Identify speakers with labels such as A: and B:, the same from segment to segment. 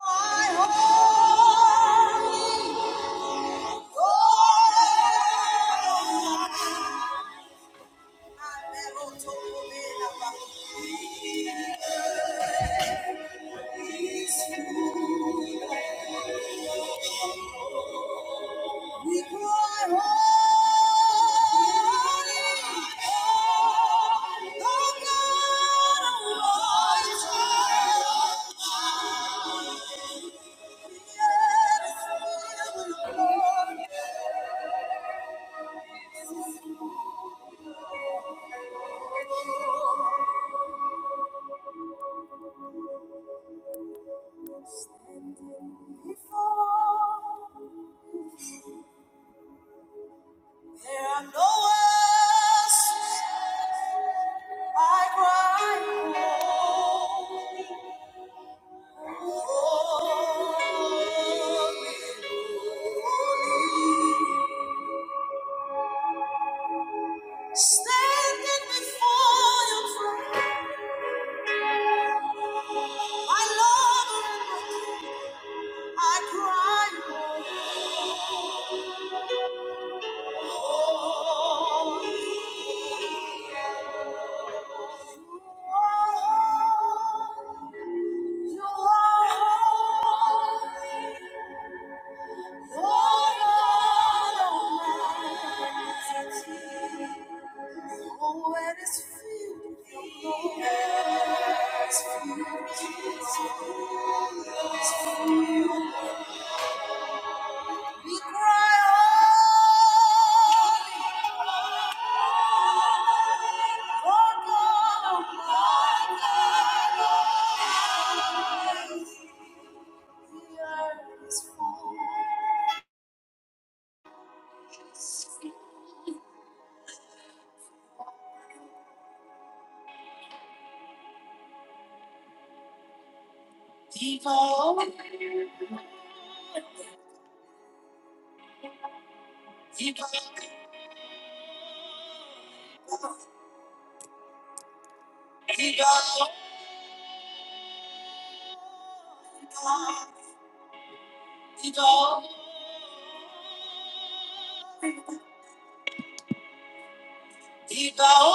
A: Thank There are no words I cry. Holy, holy. Standing before your throne, my Lord and my King, I cry. Lord. Thank you. Jesus. It's for you. We cry, holy, Lord God Almighty. The earth is full. Evil, evil, evil, evil, evil.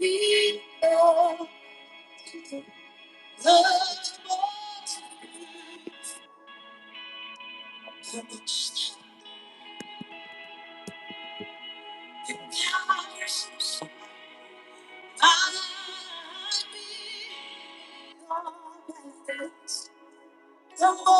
A: We love the most. Powers, I be. the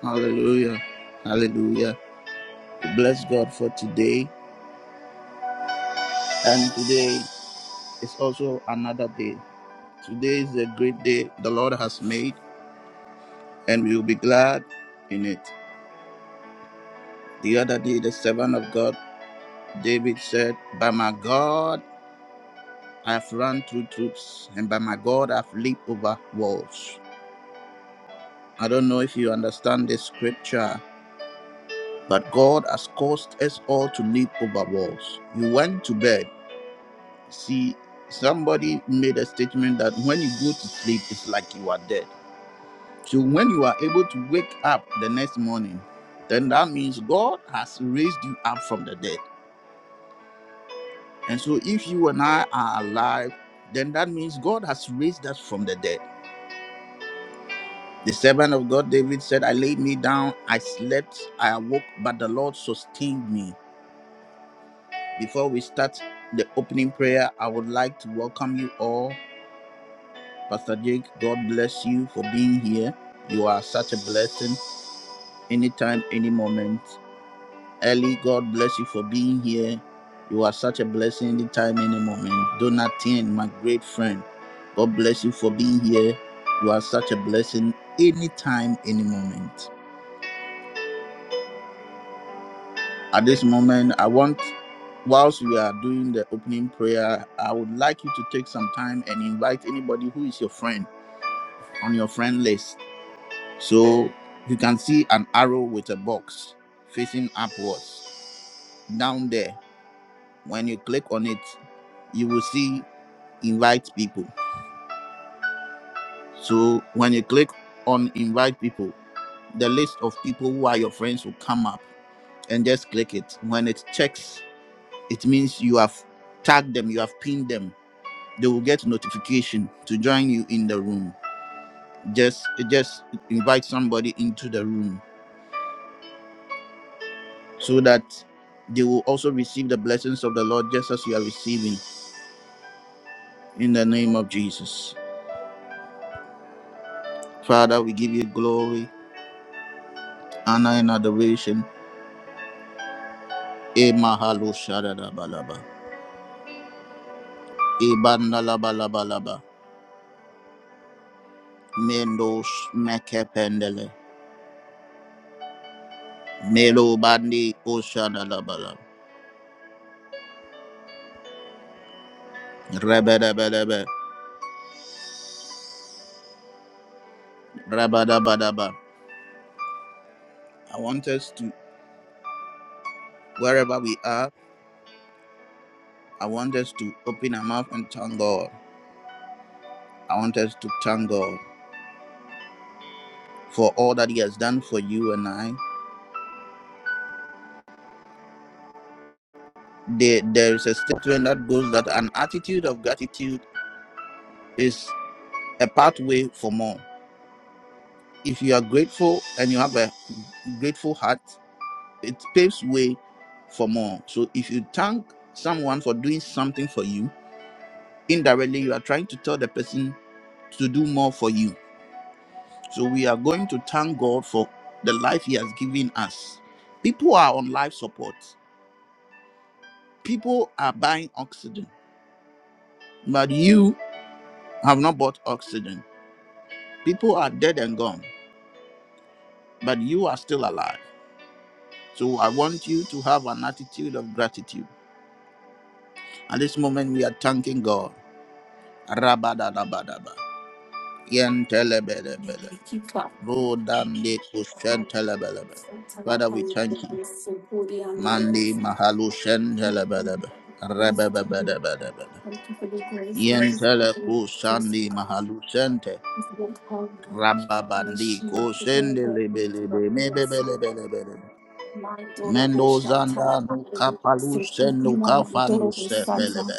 B: Hallelujah. Hallelujah. We Bless God for today. And today is also another day. Today is a great day the Lord has made, and we will be glad in it. The other day, the servant of God, David said, By my God, I've run through troops, and by my God, I've leaped over walls. I don't know if you understand this scripture, but God has caused us all to leap over walls. You went to bed See, somebody made a statement that when you go to sleep, it's like you are dead. So when you are able to wake up the next morning, then that means God has raised you up from the dead. And so if you and I are alive, then that means God has raised us from the dead. The servant of God David said, I laid me down, I slept, I awoke, but the Lord sustained me. Before we start the opening prayer, I would like to welcome you all. Pastor Jake, God bless you for being here. You are such a blessing anytime, any moment. Ellie, God bless you for being here. You are such a blessing anytime, any moment. Donatien, my great friend, God bless you for being here. You are such a blessing anytime, any moment. At this moment, I want, whilst we are doing the opening prayer, I would like you to take some time and invite anybody who is your friend on your friend list So you can see an arrow with a box facing upwards. Down there, when you click on it, you will see invite people. So when you click on invite people, the list of people who are your friends will come up and just click it. When it checks, it means you have tagged them, you have pinned them. They will get notification to join you in the room. Just just invite somebody into the room so that they will also receive the blessings of the Lord just as you are receiving in the name of Jesus. Father, we give you glory, honor, and adoration. E mahalo shadada balaba. E bandala balaba laba. Mendos mekependele. Melo bandi oshadala balaba. Rebedebedebe. Rabadabadaba. I want us to, wherever we are, I want us to open our mouth and thank God. I want us to thank God. for all that he has done for you and I. There, there is a statement that goes that an attitude of gratitude is a pathway for more. If you are grateful and you have a grateful heart, it paves way for more. So if you thank someone for doing something for you, indirectly you are trying to tell the person to do more for you. So we are going to thank God for the life He has given us. People are on life support. People are buying oxygen, but you have not bought oxygen. People are dead and gone, but you are still alive. So I want you to have an attitude of gratitude. At this moment, we are thanking God. Rabadadabadaba. Yentelebelebele.
A: Thank you, Thank you
B: Rodandekushentelebelebe. Father, we thank you. Mandi mahalushentelebelebe. Rebebebedebedebe.
A: for your grace. Thank you for your mercies,
B: Yentelekusandi
A: God.
B: mahalusente.
A: Thank you for your call. Thank you for your
B: Rababandi
A: shield, for your refuge,
B: kosendelebelebe.
A: God.
B: Mebebelebelebe.
A: Mandorobo Shatama
B: Mendozanda nuka
A: Andele
B: paluse
A: Seku Ima
B: nuka
A: Mandorobo
B: fanuse
A: Satma
B: pelebe.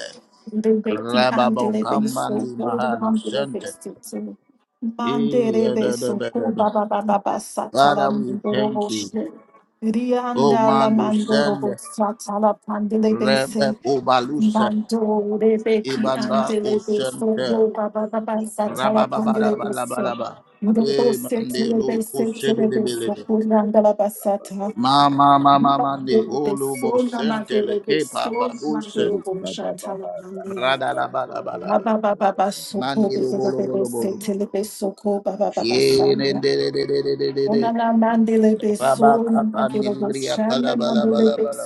A: Rebeki
B: Rababon
A: Andele Beso
B: kambandi mahalu
A: Andele
B: sente.
A: Beso Mandere Beso
B: Iyadadabadaba.
A: Baba Baba Satala
B: Father, we
A: Mandorobo
B: thank you.
A: She
B: O
A: Rianda la
B: mandu
A: Mandorobo
B: sende.
A: Satala Pandele
B: Rebe
A: Bese
B: kubaluse.
A: Mando Rebeki
B: Ibanda
A: Andele Beso
B: kusente.
A: Baba Baba
C: Thank
A: Satala
C: you.
A: Pandele Beso
B: Rabababarabalaba.
A: Robo
B: E
A: Setele
B: mandelo
A: Bese Tele Beso
B: kusedebelebe.
A: Kuranda la Basata
B: Mama mama mande
A: Inamandoro,
B: olubo sente le kepa baduse. Radalabalaba. Mandelo bolo bolo bolo. Ye ne de de de de de de de de. Rabaka panilibria pala bala bala bala.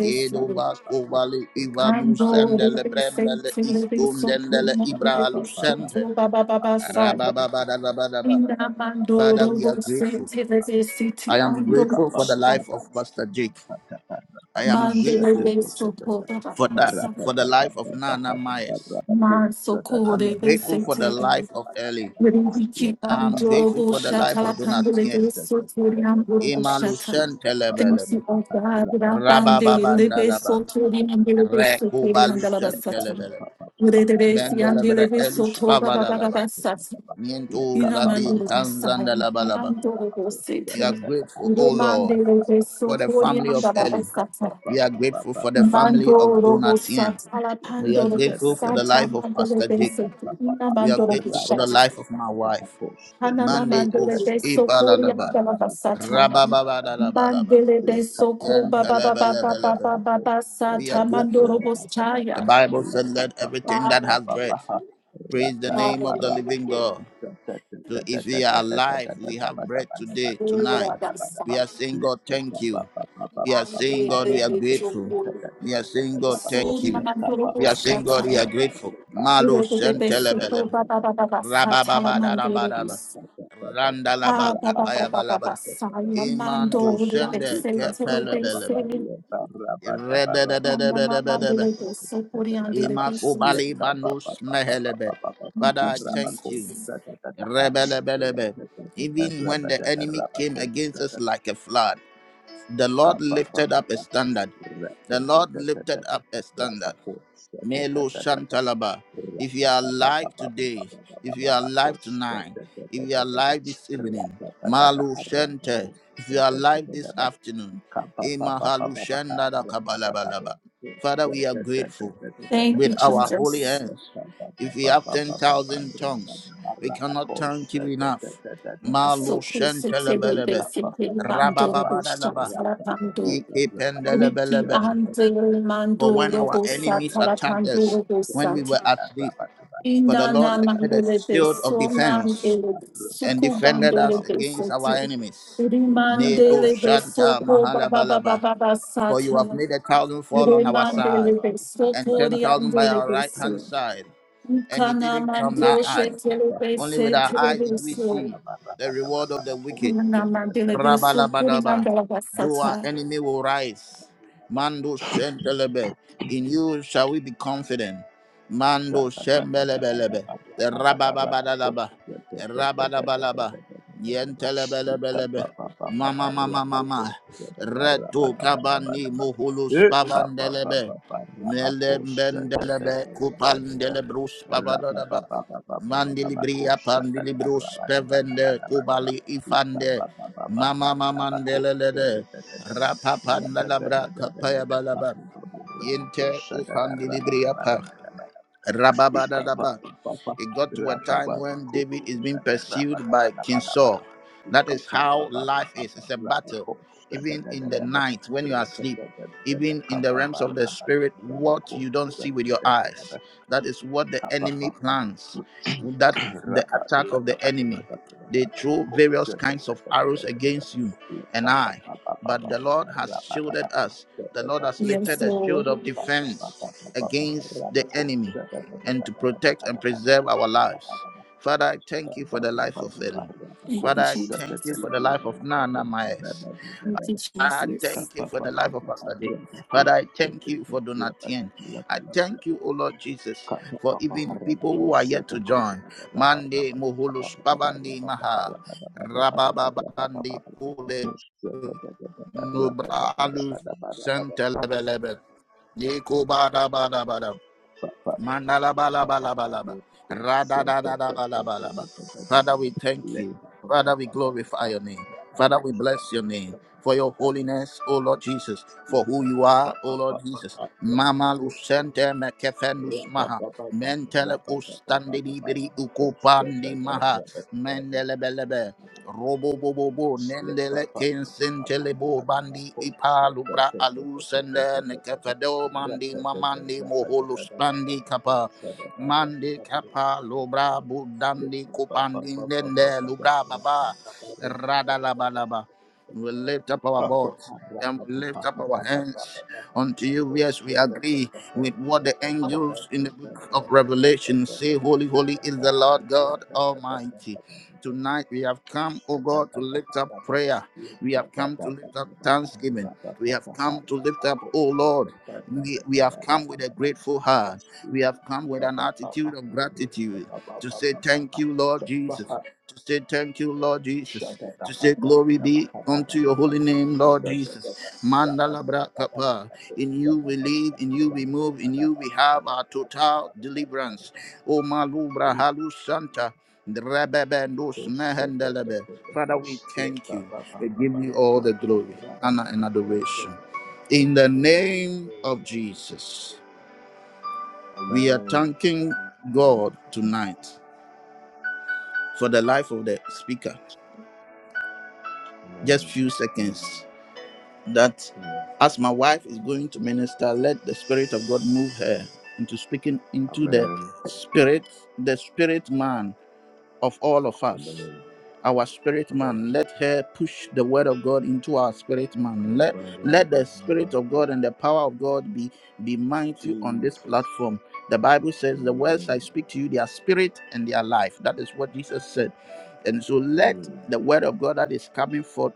B: Ye do bako vali ivanu sendele brembele iskundendele ibrahalu sente. Rababa bada bada bada. Father, we are grateful.
A: Sente, City, City,
B: I am
A: Ando,
B: grateful for the life of Pastor Jake. I am
A: Mandele
B: grateful
A: de soko baba
B: for
A: baba
B: that
A: samba.
B: for the life of Nana Myers.
A: Ma soko
B: I'm
A: de de
B: grateful for the
A: sete.
B: life of Ellie.
A: Rebiki am
B: I'm grateful
A: dorobo
B: for the life
A: shata la
B: of
A: pandele de
B: Donatien.
A: sotori am dorobo shata.
B: Imalushen
A: Thank
B: telebelebe.
A: you, O God. Rabande lebe
B: Rabababandalaba.
A: sotori am lebe sotori am dalaba
B: Rekubalushen
A: satu.
B: telebelebe.
A: Redere si am
B: Mendelebre
A: lebe
B: elus
A: soto baba baba
B: pavalalaba.
A: baba satu.
B: Niento
A: Ina
B: zadin
A: mandoro musai.
B: kanzandalabalaba.
A: Mandoro
C: Let
B: We are
A: sete.
B: grateful, O Lord,
A: Remande beso
B: for the
A: tori
B: family
A: am
B: of
A: dalaba
B: Eli.
A: satu.
B: We are grateful for the family of
A: Mando robo
B: Donatien.
A: sat
B: We are
A: alapando robo
B: grateful
C: Thank
B: for the
A: sata
B: life of
A: mandele
B: Pastor Jake.
A: beso ina
B: We are
A: mando robo
B: grateful for the
A: shat
B: life of my wife.
A: hanana
B: Monday of
A: mandele beso koria
B: Ibalalaba.
A: dala basata
B: Rabababadalabalaba.
A: mandele beso ko ba ba ba ba ba ba
B: Yentelebalebelebe.
A: ba ba ba
B: We are
A: sata mando
B: grateful.
A: robo
B: The
A: chaya
B: Bible said, Let everything that has
A: Father,
B: breath praise the name of
A: we
B: the living God. So if we are alive, we have breath today, tonight.
A: Ora da
B: We
A: sai.
B: are saying, God, thank you. We are saying,
A: Mande
B: God,
A: de
B: we are
A: beso
B: grateful.
A: koria.
B: We are saying, God, thank
A: Beso na
B: you.
A: mando
B: We
A: robo
B: are saying, God, we are
A: shata.
B: grateful.
C: let
B: Malo
A: Ure de beso ko
B: shentelebele.
A: ba ba ba ba ba sata la mandele
B: Rabababadabadaba.
A: Ah,
B: Randalaba
A: ba ba ba ba ba ba.
B: kapayabalaba. Iman to
A: Salamando le
B: sende
A: pese, le
B: kepelebelebe.
A: pese.
B: Rededededededebe.
A: Mamamamandele pese, coriandele pese.
B: Imakobale banus mehelebe.
A: Thank you,
B: Father, I thank you.
A: Jesus.
B: Rebelebelebe. Even when the enemy came against us
C: Rabako,
B: like a flood, the
C: Rapa
B: Lord lifted up a standard. The Lord lifted up a standard. Melo Shantalaba. If you are alive today, if you are alive tonight, if you are alive this evening, Malu Shente. If you are alive this afternoon, Imahalu Shendada Kabalabalaba. Father, we are grateful
A: Thank
B: with
A: you,
B: our holy
A: Jesus.
B: hands. If we have 10,000 tongues, we cannot thank you enough. Malu
A: So close to the
B: Shentelebelebe.
A: base of the mando,
B: Rabababadalaba.
A: the Riki
B: Yike
A: andele
B: for
A: mando,
B: when our
A: robo
B: enemies attacked
A: satalapando,
B: us, when we
A: robo
B: were asleep, for the Lord
A: Indana
B: lifted a
A: mandelebe
B: shield of
A: sona
B: defense
A: mandelebe
B: and
A: suku
B: defended us
A: bandelebe
B: against our
A: sete.
B: enemies. Nero
A: Rimandelebe
B: Shanta
A: soko baba baba
B: Mahalabalaba.
A: baba
B: For you have
A: sata.
B: made a thousand fall on our side,
A: Rimandelebe
B: and
A: soko
B: ten thousand by our
A: riandelebe
B: right
A: se.
B: hand side, and it
A: Kana
B: didn't come nigh us.
A: mandoshe telebe
B: Only with
A: se
B: our eyes
A: telebe
B: did we
A: se.
B: see the reward of the wicked
A: Kana mandelebe soko
B: Rabalabadaba.
A: riandelebe
B: Though our
A: sata.
C: Rata
B: enemy will rise. Mando shentelebe. In you shall we be confident. Mando shembelebelebe. The rabababadalaba. Rabalabalaba. Yentelebelebelebe. Mama mama mama. Reto kabani mohulus pavandelebe. Melembendelebe kupandelebrus pavadadaba. Mandilibria pandilibrus pevende kubali ifande. Mama Mamandelede Rapapandalabra Kapaya Balaba Yente Upandilibriapa
C: Rabakos,
B: Rababadadaba. It got to a time when David is being pursued by King Saul. That is how life is. It's a battle. Even in the night when you are asleep, even in the realms of the spirit, what you don't see with your eyes.
C: Rabba
B: That is what the enemy plans. That the attack of the enemy. They throw various kinds of arrows against you and I. But the Lord has shielded us. The Lord has
A: Yes,
B: lifted a shield
A: Lord.
B: of
C: Rabba
B: defense against the enemy and to protect and preserve our lives. Father, I thank you for the life of Ellie.
A: Thank you,
B: Father, I thank
A: Jesus.
B: you for the life of Nana Maes.
A: Thank you,
B: I
A: Jesus.
B: thank you for the life of Pastor Dick. Father, I thank you for Donatien. I thank you, O Lord Jesus, for even people who are yet to join. Mande Mohulus Pavandi Maha. Rabababandi Kule Nubra Alu Santa Levelebe. Yeko Bada Bada Bada Mandalabalabalaba. Radadadadabalabalaba. Father, we thank you. Father, we glorify your name. Father, we bless your name for your
C: Let
B: holiness, O Lord Jesus, for who you are, O Lord Jesus. Mama Lucente
C: let
B: Mekefenus Maha. Mentele kustandidi biri ukopandi maha. Mendelebelebe. Robo bobo bo nendele ken sentele bo bandi ipa lubra alu sende nekefedo mandi mamandi moholu spandi kapa mandi kapa lubra budandi kupandi nende lubra baba rada laba laba. We lift up our voice and we lift up our hands unto you. Yes, we agree with what the angels in the book of Revelation say. Holy, holy is the Lord God Almighty. Tonight we have come, oh God, to lift up prayer. We have come to lift up thanksgiving. We have come to lift up, oh Lord. We, we have come with a grateful heart. We have come with an attitude of gratitude to say thank you, Lord
C: Thank
B: Jesus. To say thank you, Lord Jesus. To say glory be unto your holy name, Lord Jesus. Mandala bra kapa. In you we live, in you we move, in you we have our total deliverance. O Malubra Halu Santa. Father, we thank you. We give you all the glory, honor, and adoration. In the name of Jesus, we are
C: Amen.
B: thanking God tonight for the life of the speaker. Just
C: Amen.
B: few seconds. That
C: Mm.
B: as my wife is going to minister, let the Spirit of God move her into speaking into the
C: Amen.
B: spirit, the spirit man of all of us.
C: Amen.
B: Our spirit man, let her push the word of God into our spirit man. Let let the spirit
C: Amen.
B: of God and the power of God be be mighty on this
C: Jesus.
B: platform. The Bible says, "The
C: My
B: words I
C: God.
B: speak to you, they are spirit and they are life." That is what Jesus said. And so, let
C: Hmm.
B: the word of God that is coming forth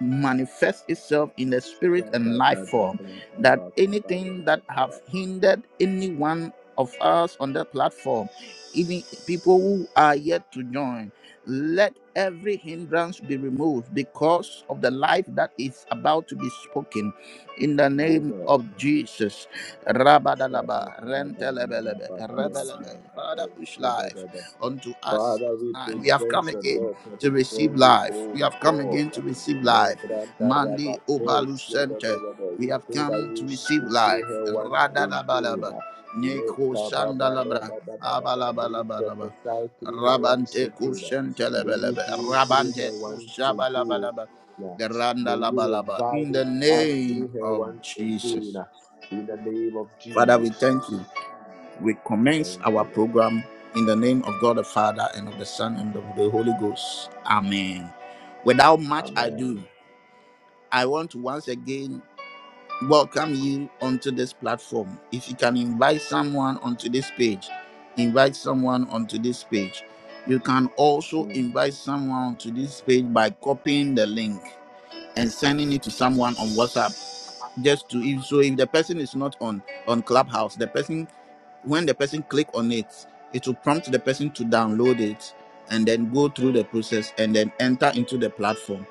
B: manifest itself in the spirit and life form. That anything that have
C: Sha-da-da-da-ra-ba-ba-ba-ba-ra-ba-ba-ba.
B: hindered any one of us on the platform even people who are yet to join. Let every hindrance be removed because of the life that is about to be spoken. In the
C: My
B: name of
C: God.
B: Jesus. Rabadalaba, rentelebelebe,
A: Yes.
B: rebelebe. Father, push life
C: Sha-da-da-da-da-ra-ba-ba-ba-ba-ba-ba.
B: unto us.
C: Father, we
B: tonight. We have
C: present
B: come
C: your
B: again
C: daughter
B: to
C: before
B: receive
C: you,
B: life. We
C: O
B: have come
C: God.
B: again to receive life. Mandi Obalu Center.
C: Lebrandarabakoshedelegede.
B: We
C: We
B: have
C: pray that
B: come
C: you
B: to receive
C: speak through
B: life.
C: her once again.
B: Radalabalaba. Neko
C: Lekababarabadabadaba. May you
B: Abalabalaba.
C: prophesy through her once
B: Rabante
C: again.
B: kushen
C: May
B: telebelebe.
C: you heal through
B: Rabante
C: her once again.
B: kushabalabalaba.
C: May you
B: Gerandalabalaba. In
C: revive
B: the
C: us
B: name
C: through her
B: of
C: once again.
B: Jesus.
C: In the name of
B: Father, we thank you.
C: Jesus.
B: We commence
C: Thank
B: our
C: you, Lord.
B: program in the name of God the Father and of the Son and of the Holy Ghost. Amen. Without much
C: Amen.
B: ado, I want to once again welcome you onto this platform. If you can invite someone onto this page, invite someone onto this page. You can also invite someone onto this page by copying the link and sending it to someone on WhatsApp just to if so if the person is not on on clubhouse the person when the person click on it it will prompt the person to download it and then go through the process and then enter into the platform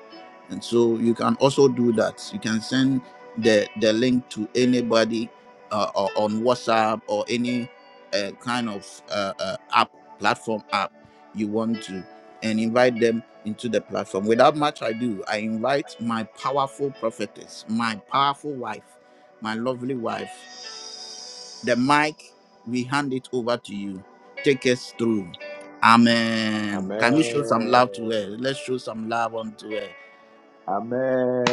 B: and so you can also do that you can send the the link to anybody uh, or on whatsapp or any uh, kind of uh, uh, app platform app you want to and invite them into the platform. Without much ado, I invite my powerful prophetess, my powerful wife, my lovely wife. The mic, we hand it over to you. Take us through. Amen. Can we show some love to her?
C: Amen.
B: Let's show some love unto her.
C: Amen.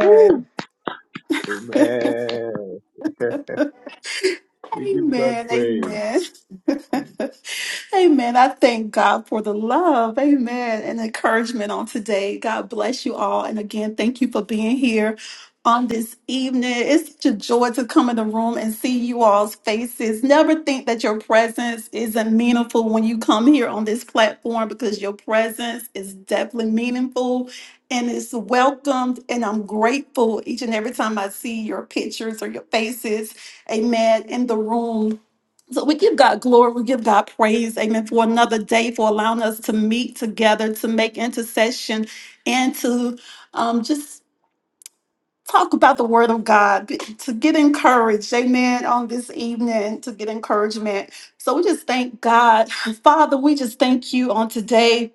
C: Woo. Amen. we give God
A: Amen.
C: praise.
A: Amen. amen. I thank God for the love. Amen. And encouragement on today. God bless you all. And again, thank you for being here on this evening. It's such a joy to come in the room and see you all's faces. Never think that your presence isn't meaningful when you come here on this platform because your presence is definitely meaningful and it's welcomed. And I'm grateful each and every time I see your pictures or your faces amen, in the room. So we give God glory, we give God praise, amen, for another day, for allowing us to meet together, to make intercession, and to um, just talk about the word of God, be- to get encouraged, amen, on this evening, to get encouragement. So we just thank God. Father, we just thank you on today.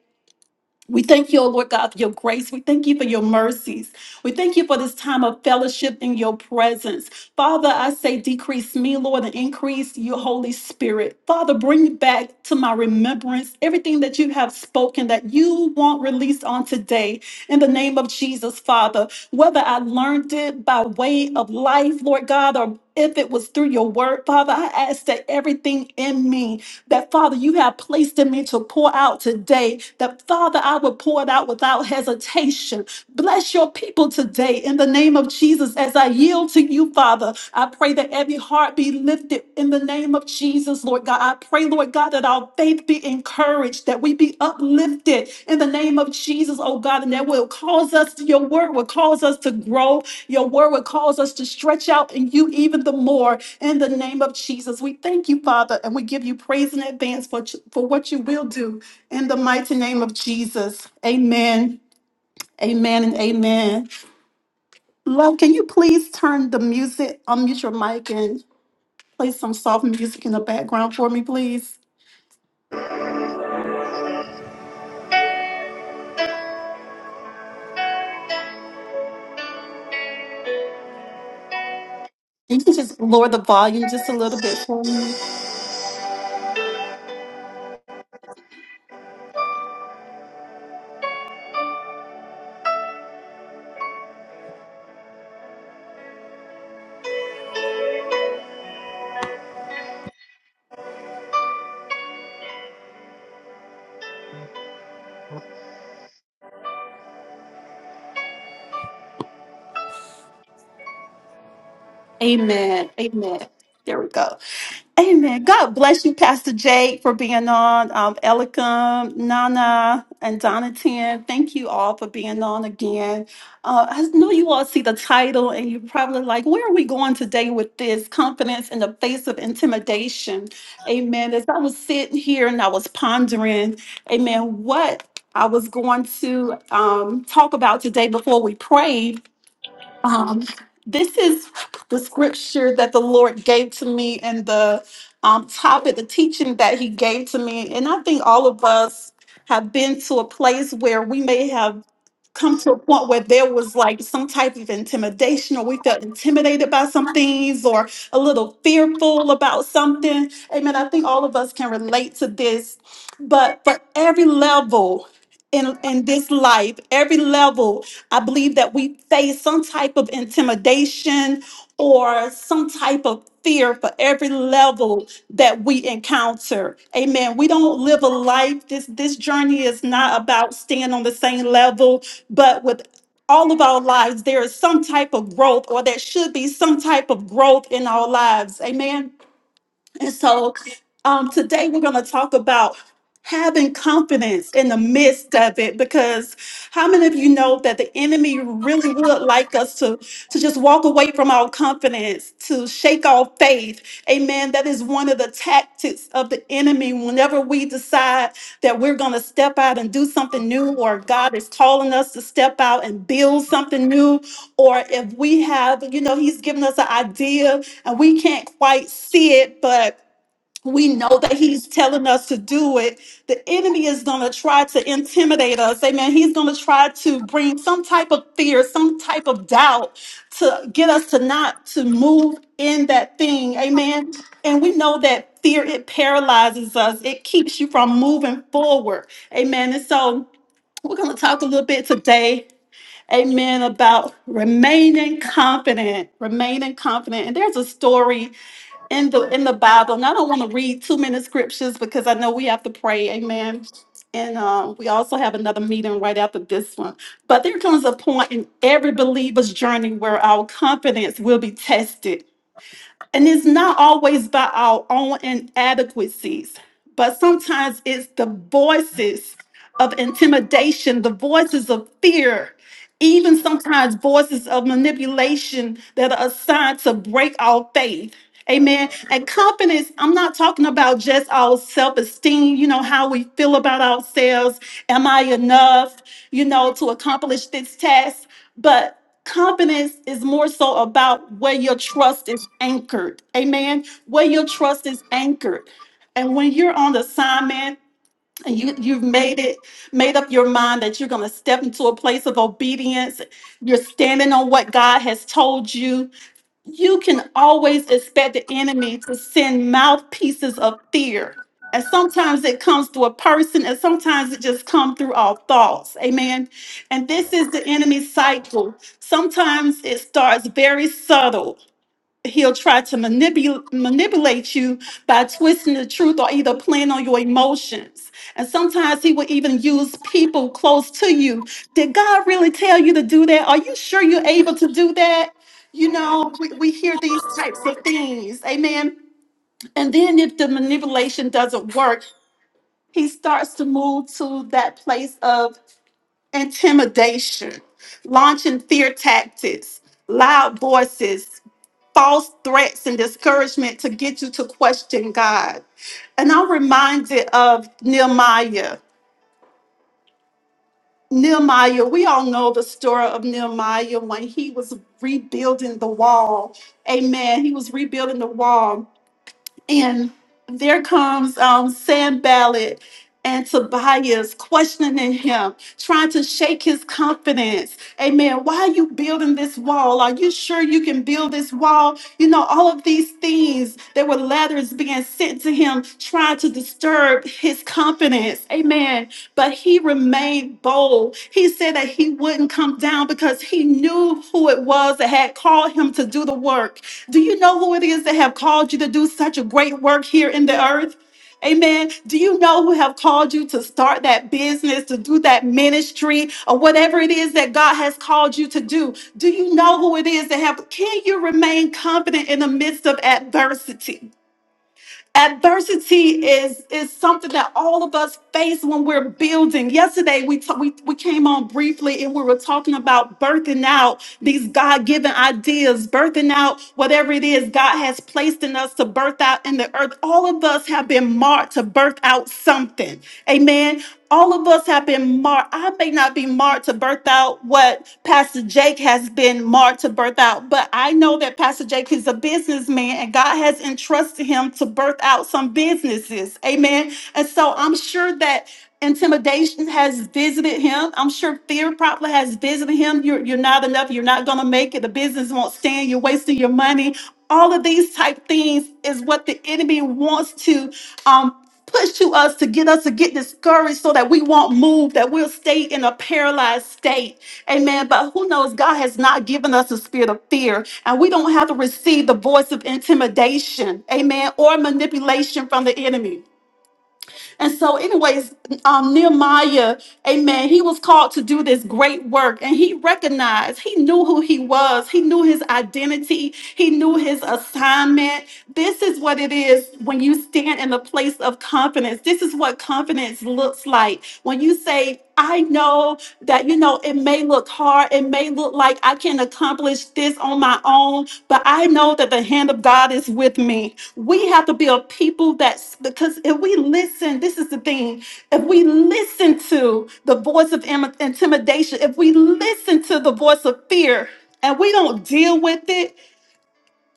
A: We thank you, O Lord God, for your grace. We thank you for your mercies. We thank you for this time of fellowship in your presence. Father, I say, decrease me, Lord, and increase your Holy Spirit. Father, bring back to my remembrance everything that you have spoken that you want released on today in the name of Jesus, Father. Whether I learned it by way of life, Lord God, or if it was through your word, Father, I ask that everything in me that Father, you have placed in me to pour out today. That Father, I would pour it out without hesitation Bless your people today in the name of Jesus. As I yield to you, Father, I pray that every heart be lifted in the name of Jesus, Lord God. I pray, Lord God, that our faith be encouraged, that we be uplifted in the name of Jesus, oh God, and that will cause us, your word will cause us to grow. Your word will cause us to stretch out in you even the more in the name of Jesus. We thank you, Father, and we give you praise in advance for, for what you will do in the mighty name of Jesus. Amen. Amen and amen. Love, can you please turn the music, unmute your mic, and play some soft music in the background for me, please? You can just lower the volume just a little bit for me. Amen. Amen. There we go. Amen. God bless you, Pastor Jake, for being on. Um, Elikam, Nana, and Donatan, thank you all for being on again. Uh, I know you all see the title, and you're probably like, where are we going today with this? Confidence in the face of intimidation. Amen. As I was sitting here and I was pondering, amen, what I was going to um, talk about today before we prayed um, this is the scripture that the Lord gave to me and the um, topic, the teaching that He gave to me. And I think all of us have been to a place where we may have come to a point where there was like some type of intimidation or we felt intimidated by some things or a little fearful about something. Amen. I think all of us can relate to this. But for every level in, in this life, every level I believe that we face some type of intimidation or some type of fear for every level that we encounter. Amen. We don't live a life. This this journey is not about staying on the same level, but with all of our lives, there is some type of growth, or there should be some type of growth in our lives. Amen. And so um, today we're going to talk about having confidence in the midst of it because how many of you know that the enemy really would like us to to just walk away from our confidence to shake off faith Amen. That is one of the tactics of the enemy. Whenever we decide that we're going to step out and do something new, or God is calling us to step out and build something new, or if we have, you know, He's given us an idea and we can't quite see it, but we know that he's telling us to do it. The enemy is going to try to intimidate us. Amen. He's going to try to bring some type of fear, some type of doubt to get us to not to move in that thing. Amen. And we know that fear it paralyzes us. It keeps you from moving forward. Amen. And so we're going to talk a little bit today amen about remaining confident remaining confident and there's a story in the in the Bible. And I don't want to read too many scriptures because I know we have to pray. Amen. And um, we also have another meeting right after this one. But there comes a point in every believer's journey where our confidence will be tested and it's not always by our own inadequacies, but sometimes it's the voices of intimidation, the voices of fear, even sometimes voices of manipulation that are assigned to break our faith. Amen. And confidence, I'm not talking about just our self esteem, you know, how we feel about ourselves. Am I enough, you know, to accomplish this task? But confidence is more so about where your trust is anchored. Amen. Where your trust is anchored. And when you're on assignment and you, you've made it, made up your mind that you're going to step into a place of obedience, you're standing on what God has told you, you can always expect the enemy to send mouthpieces of fear. And sometimes it comes through a person, and sometimes it just comes through our thoughts. Amen. And this is the enemy's cycle. Sometimes it starts very subtle he'll try to manipul- manipulate you by twisting the truth or either playing on your emotions. And sometimes he will even use people close to you. Did God really tell you to do that? Are you sure you're able to do that? You know, we, we hear these types of things. Amen. And then if the manipulation doesn't work, he starts to move to that place of intimidation, launching fear tactics, loud voices, false threats and discouragement to get you to question God. And I'm reminded of Nehemiah. Nehemiah, we all know the story of Nehemiah when he was rebuilding the wall. Amen. He was rebuilding the wall and there comes um, Sanballat and Tobias questioning him, trying to shake his confidence. Amen. Why are you building this wall? Are you sure you can build this wall? You know, all of these things, there were letters being sent to him, trying to disturb his confidence. Amen but he remained bold. He said that he wouldn't come down because he knew who it was that had called him to do the work. Do you know who it is that have called you to do such a great work here in the earth? Amen. Do you know who have called you to start that business, to do that ministry, or whatever it is that God has called you to do? Do you know who it is that have? Can you remain confident in the midst of adversity? adversity is is something that all of us face when we're building yesterday we, ta- we we came on briefly and we were talking about birthing out these god-given ideas birthing out whatever it is god has placed in us to birth out in the earth all of us have been marked to birth out something amen all of us have been marked. I may not be marked to birth out what Pastor Jake has been marked to birth out, but I know that Pastor Jake is a businessman and God has entrusted him to birth out some businesses. Amen. And so I'm sure that intimidation has visited him. I'm sure fear probably has visited him. You're, you're not enough. You're not going to make it. The business won't stand. You're wasting your money. All of these type things is what the enemy wants to. Um, push to us to get us to get discouraged so that we won't move, that we'll stay in a paralyzed state. Amen. But who knows? God has not given us a spirit of fear, and we don't have to receive the voice of intimidation, amen, or manipulation from the enemy. And so, anyways, um, Nehemiah, amen, he was called to do this great work and he recognized, he knew who he was, he knew his identity, he knew his assignment. This is what it is when you stand in the place of confidence. This is what confidence looks like. When you say, I know that, you know, it may look hard. It may look like I can accomplish this on my own, but I know that the hand of God is with me. We have to be a people that's because if we listen, this is the thing. If we listen to the voice of im- intimidation, if we listen to the voice of fear, and we don't deal with it,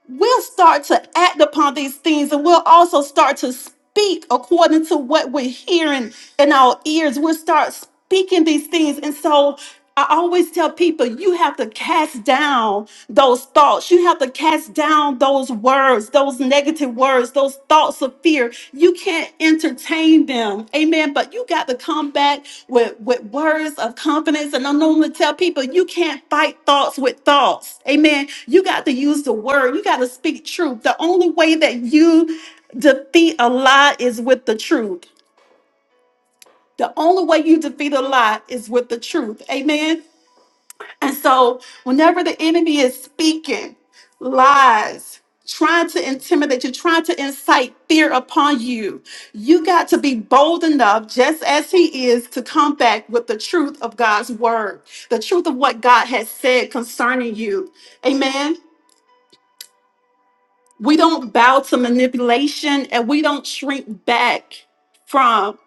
A: we'll start to act upon these things and we'll also start to speak according to what we're hearing in our ears. We'll start speaking these things. And so I always tell people you have to cast down those thoughts. You have to cast down those words, those negative words, those thoughts of fear. You can't entertain them. Amen. But you got to come back with, with words of confidence. And I normally tell people you can't fight thoughts with thoughts. Amen. You got to use the word. You got to speak truth. The only way that you defeat a lie is with the truth. The only way you defeat a lie is with the truth. Amen. And so, whenever the enemy is speaking lies, trying to intimidate you, trying to incite fear upon you, you got to be bold enough, just as he is, to come back with the truth of God's word, the truth of what God has said concerning you. Amen. We don't bow to manipulation and we don't shrink back from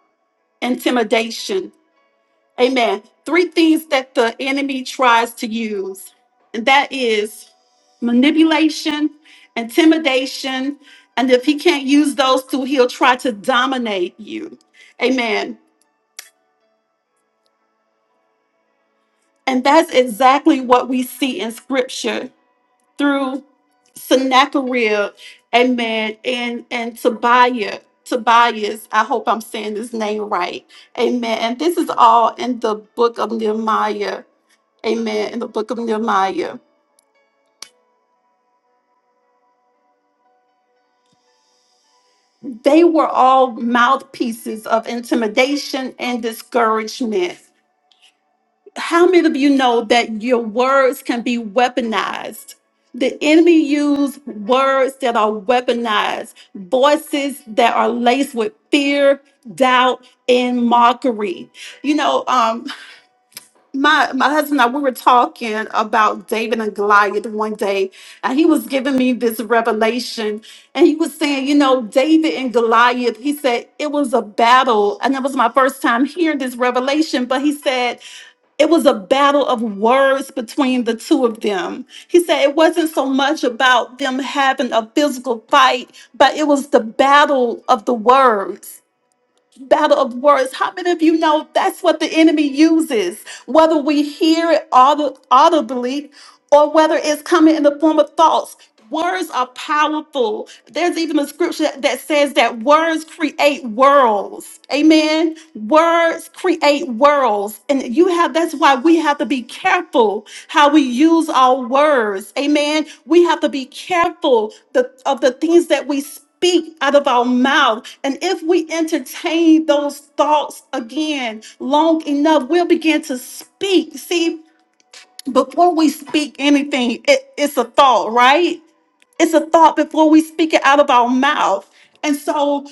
A: intimidation Amen. Three things that the enemy tries to use, and that is manipulation, intimidation, and if he can't use those two, he'll try to dominate you. Amen. And that's exactly what we see in scripture through Sennacherib, amen, and and Tobiah. Tobias, I hope I'm saying his name right. Amen. And this is all in the book of Nehemiah. Amen. In the book of Nehemiah. They were all mouthpieces of intimidation and discouragement. How many of you know that your words can be weaponized? The enemy used words that are weaponized, voices that are laced with fear, doubt, and mockery. You know, um, my my husband and I we were talking about David and Goliath one day, and he was giving me this revelation, and he was saying, you know, David and Goliath. He said it was a battle, and that was my first time hearing this revelation. But he said it was a battle of words between the two of them. He said it wasn't so much about them having a physical fight, but it was the battle of the words battle of words. How many of you know that's what the enemy uses? Whether we hear it aud- audibly or whether it's coming in the form of thoughts. Words are powerful. There's even a scripture that says that words create worlds. Amen. Words create worlds. And you have that's why we have to be careful how we use our words. Amen. We have to be careful the- of the things that we speak out of our mouth. And if we entertain those thoughts again long enough, we'll begin to speak. See, before we speak anything, it- it's a thought, right? It's a thought before we speak it out of our mouth. And so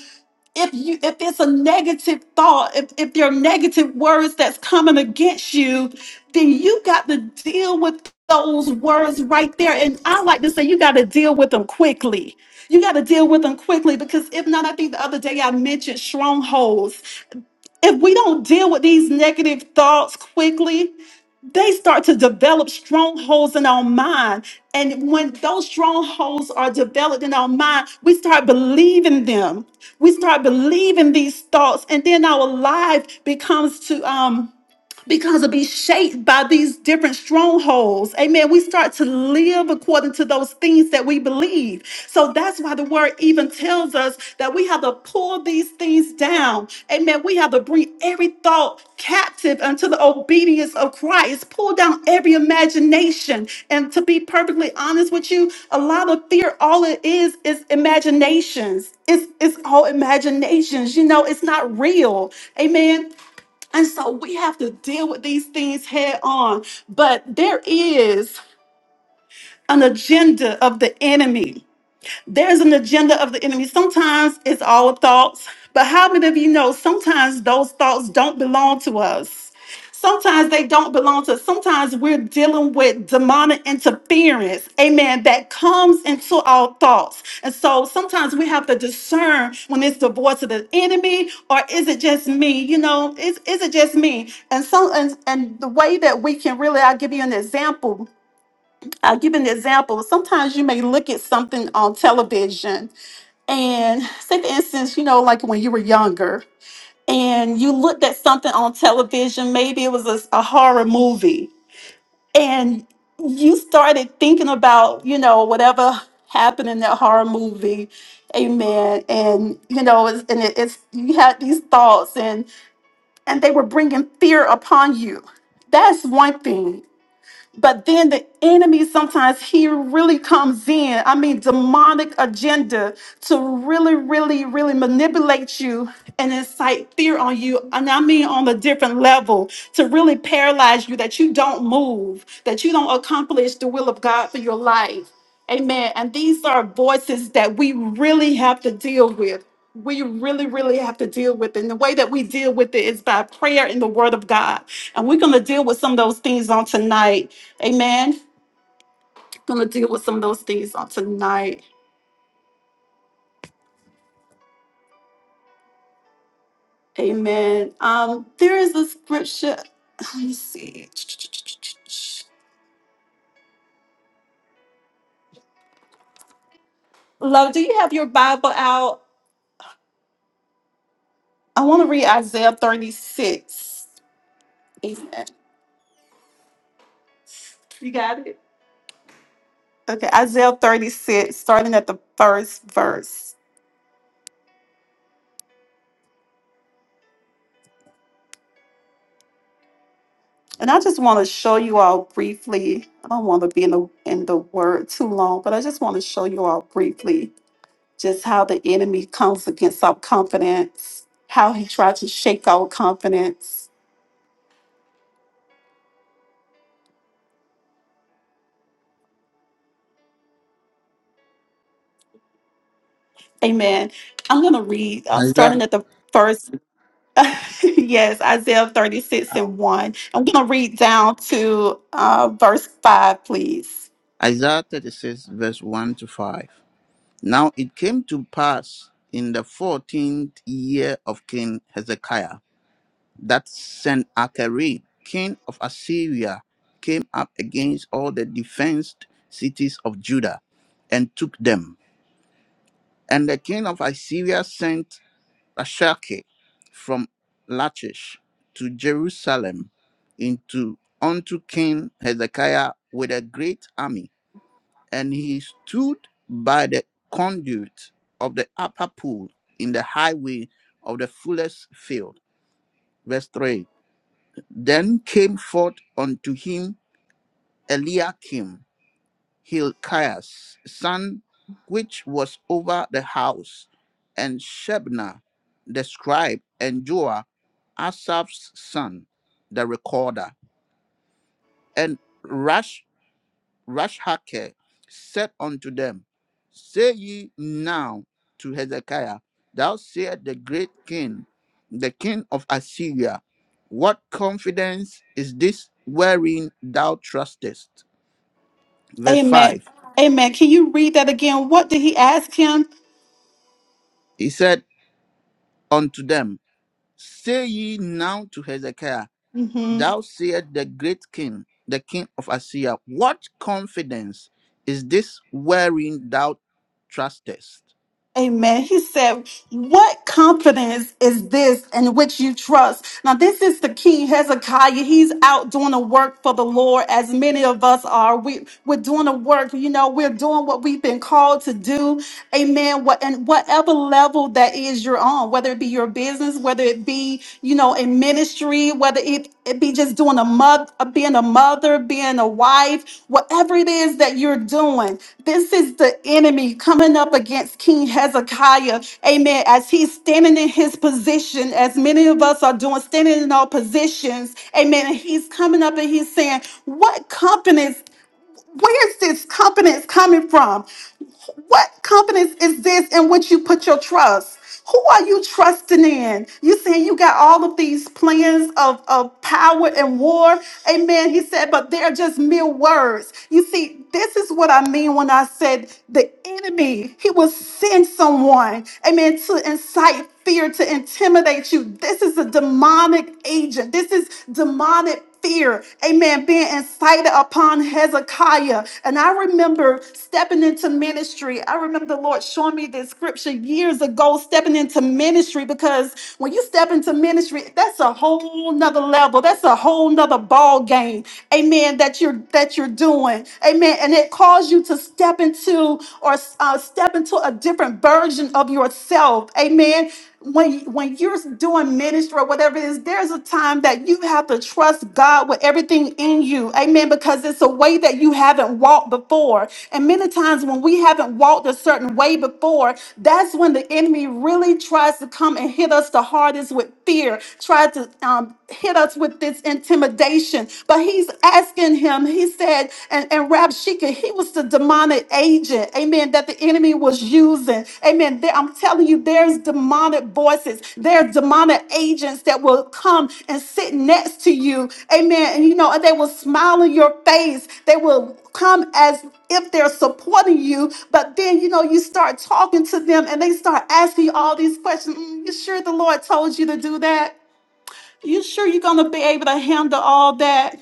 A: if you if it's a negative thought if, if there are negative words that's coming against you then you got to deal with those words right there and i like to say you got to deal with them quickly you got to deal with them quickly because if not i think the other day i mentioned strongholds if we don't deal with these negative thoughts quickly they start to develop strongholds in our mind. And when those strongholds are developed in our mind, we start believing them. We start believing these thoughts, and then our life becomes to um because to be shaped by these different strongholds. Amen. We start to live according to those things that we believe. So that's why the word even tells us that we have to pull these things down. Amen. We have to bring every thought captive unto the obedience of Christ, pull down every imagination. And to be perfectly honest with you, a lot of fear, all it is, is imaginations. It's, it's all imaginations. You know, it's not real. Amen. And so we have to deal with these things head on. But there is an agenda of the enemy there's an agenda of the enemy. Sometimes it's our thoughts, but how many of you know sometimes those thoughts don't belong to us? Sometimes they don't belong to us. Sometimes we're dealing with demonic interference, amen, that comes into our thoughts. And so sometimes we have to discern when it's the voice of the enemy or is it just me? You know, is, is it just me? And so and, and the way that we can really, I'll give you an example I'll give an example. Sometimes you may look at something on television, and say, for instance, you know, like when you were younger, and you looked at something on television, maybe it was a, a horror movie, and you started thinking about, you know, whatever happened in that horror movie. Amen. And you know, it's, and it, it's you had these thoughts, and and they were bringing fear upon you. That's one thing but then the enemy sometimes he really comes in. I mean, demonic agenda to really, really, really manipulate you and incite fear on you. And I mean, on a different level to really paralyze you that you don't move, that you don't accomplish the will of God for your life. Amen. And these are voices that we really have to deal with. We really, really have to deal with. And the way that we deal with it is by prayer and the word of God. And we're going to deal with some of those things on tonight. Amen. Gonna deal with some of those things on tonight. Amen. Um, there is a scripture. Let me see. Love, do you have your Bible out? I want to read Isaiah 36. Amen. You got it? Okay, Isaiah 36, starting at the first verse. And I just want to show you all briefly. I don't want to be in the in the word too long, but I just want to show you all briefly just how the enemy comes against our confidence, how he tries to shake our confidence. Amen. I'm going to read, uh, starting
B: Isaiah,
A: at the first, yes, Isaiah 36 and 1. I'm going to read down to uh, verse 5, please.
B: Isaiah 36, verse 1 to 5. Now it came to pass in the 14th year of King Hezekiah that Sennacherib, king of Assyria, came up against all the defenced cities of Judah and took them. And the king of Assyria sent Ashake from Lachish to Jerusalem into unto King Hezekiah with a great army, and he stood by the conduit of the upper pool in the highway of the fullest field. Verse 3 Then came forth unto him Eliakim, Hilkiah's son, which was over the house, and Shebna, the scribe, and Joah, Asaph's son, the recorder, and Rash. Rashhake said unto them, Say ye now to Hezekiah, Thou sayest the great king, the king of Assyria, What confidence is this wherein thou trustest? Verse
A: Amen.
B: 5
A: Amen. Can you read that again? What did he ask him?
B: He said unto them, Say ye now to Hezekiah,
A: Mm-hmm.
B: Thou sayest the great king, the king of Assyria, What confidence is this wherein thou trustest?
A: Amen. He said, What confidence is this in which you trust? Now, this is the king Hezekiah. He's out doing a work for the Lord, as many of us are. We, we're doing a work, you know, we're doing what we've been called to do. Amen. What and whatever level that is you're on, whether it be your business, whether it be, you know, in ministry, ministry, whether it, it be just doing a mother, being a mother, being a wife, whatever it is that you're doing, this is the enemy coming up against King Hezekiah. Amen. As he's standing in his position, as many of us are doing, standing in our positions. Amen. And he's coming up and he's saying, What companies?" where's this confidence coming from? What confidence is this in which you put your trust? Who are you trusting in? You saying you got all of these plans of, of power and war. Amen. He said, but they're just mere words. You see, this is what I mean when I said the enemy, he will send someone, amen, to incite fear, to intimidate you. This is a demonic agent. This is demonic fear, amen, being incited upon Hezekiah. And I remember stepping into ministry. I remember the Lord showing me this scripture years ago, stepping into ministry, because when you step into ministry, that's a whole nother level. That's a whole nother ball game, amen, that you're that you're doing. Amen. And it calls you to step into or uh, step into a different version of yourself. Amen when when you're doing ministry or whatever it is, there's a time that you have to trust God with everything in you. Amen. Because it's a way that you haven't walked before. And many times when we haven't walked a certain way before, that's when the enemy really tries to come and hit us the hardest with fear, try to um, hit us with this intimidation. But he's asking him, he said, and, and Rabshakeh, he was the demonic agent, amen, that the enemy was using. Amen. There- I'm telling you, there's demonic voices, there are demonic agents that will come and sit next to you, amen. And you know, and they will smile in your face, they will come as if they're supporting you, but then you know you start talking to them and they start asking you all these questions. "Mm, you sure the Lord told you to do that? You sure you're gonna be able to handle all that?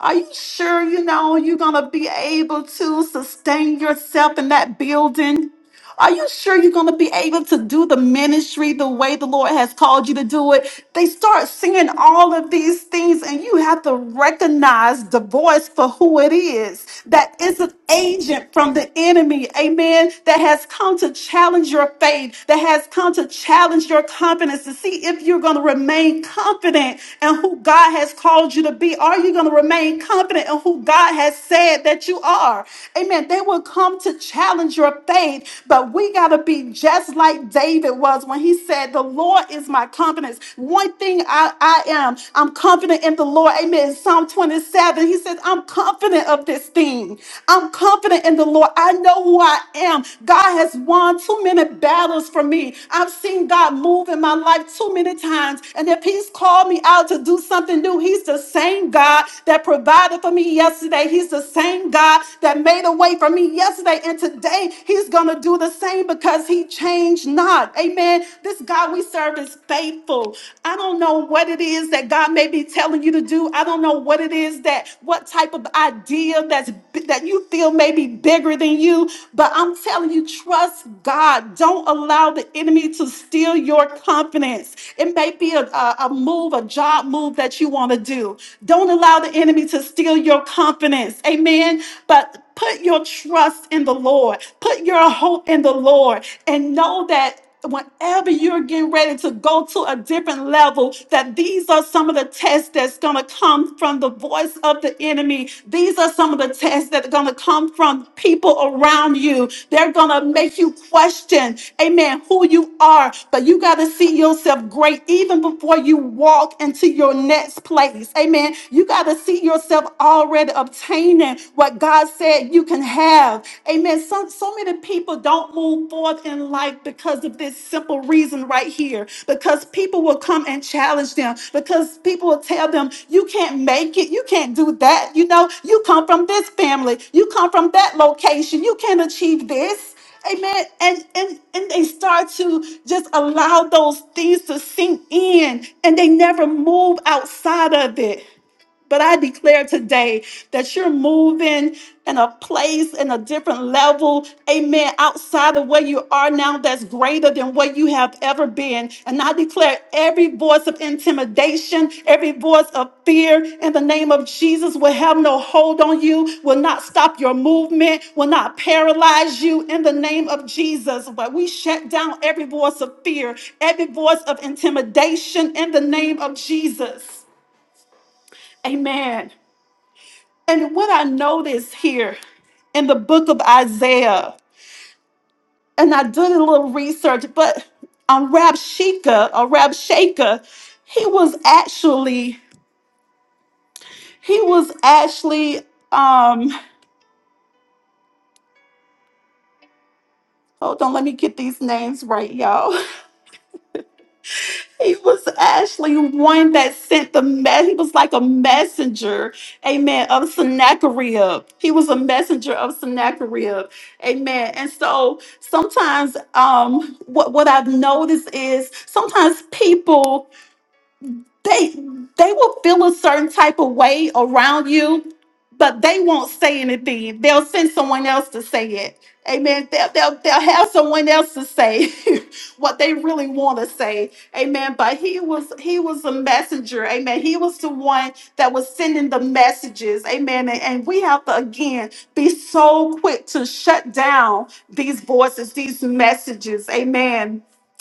A: Are you sure you know you're gonna be able to sustain yourself in that building? Are you sure you're going to be able to do the ministry the way the Lord has called you to do it? They start singing all of these things, and you have to recognize the voice for who it is that is an agent from the enemy, amen, that has come to challenge your faith, that has come to challenge your confidence to see if you're going to remain confident in who God has called you to be. Are you going to remain confident in who God has said that you are? Amen. They will come to challenge challenge your faith, but we got to be just like David was when he said, The Lord is my confidence. One thing I, I am, I'm confident in the Lord. Amen. Psalm 27, he says, I'm confident of this thing. I'm confident in the Lord. I know who I am. God has won too many battles for me. I've seen God move in my life too many times. And if He's called me out to do something new, He's the same God that provided for me yesterday. He's the same God that made a made a way for me yesterday, and today He's going to do the same because He changed not. Amen. This God we serve is faithful. I don't know what it is that God may be telling you to do. I don't know what it is that, what type of idea that's that you feel may be bigger than you, but I'm telling you, trust God. Don't allow the enemy to steal your confidence. It may be a, a, a move, a job move that you want to do. Don't allow the enemy to steal your confidence. Amen. But put your trust in the Lord, put your hope in the Lord, and know that. Whenever you're getting ready to go to a different level, that these are some of the tests that's going to come from the voice of the enemy. These are some of the tests that are going to come from people around you. They're going to make you question, amen, who you are. But you got to see yourself great even before you walk into your next place. Amen. You got to see yourself have already obtained what God said you can have. Amen. So, so many people don't move forth in life because of this simple reason right here. Because people will come and challenge them. Because people will tell them, you can't make it. You can't do that. You know, you come from this family. You come from that location. You can't achieve this. Amen. And and and they start to just allow those things to sink in and they never move outside of it. But I declare today that you're moving in a place, in a different level, amen, outside of where you are now, that's greater than what you have ever been. And I declare every voice of intimidation, every voice of fear in the name of Jesus will have no hold on you, will not stop your movement, will not paralyze you in the name of Jesus. But we shut down every voice of fear, every voice of intimidation in the name of Jesus. Amen. And what I noticed here in the book of Isaiah, and I did a little research, but on Rabshakeh or Rabshakeh, he was actually, he was actually, um, hold on, let me get these names right, y'all. He was actually one that sent the mess. He was like a messenger, amen, of Sennacherib. He was a messenger of Sennacherib, amen. And so sometimes, um, what what I've noticed is sometimes people they they will feel a certain type of way around you, but they won't say anything. They'll send someone else to say it. Amen. They'll, they'll, they'll have someone else to say what they really want to say. Amen. But he was he was a messenger. Amen. He was the one that was sending the messages. Amen. And, and we have to again be so quick to shut down these voices, these messages. Amen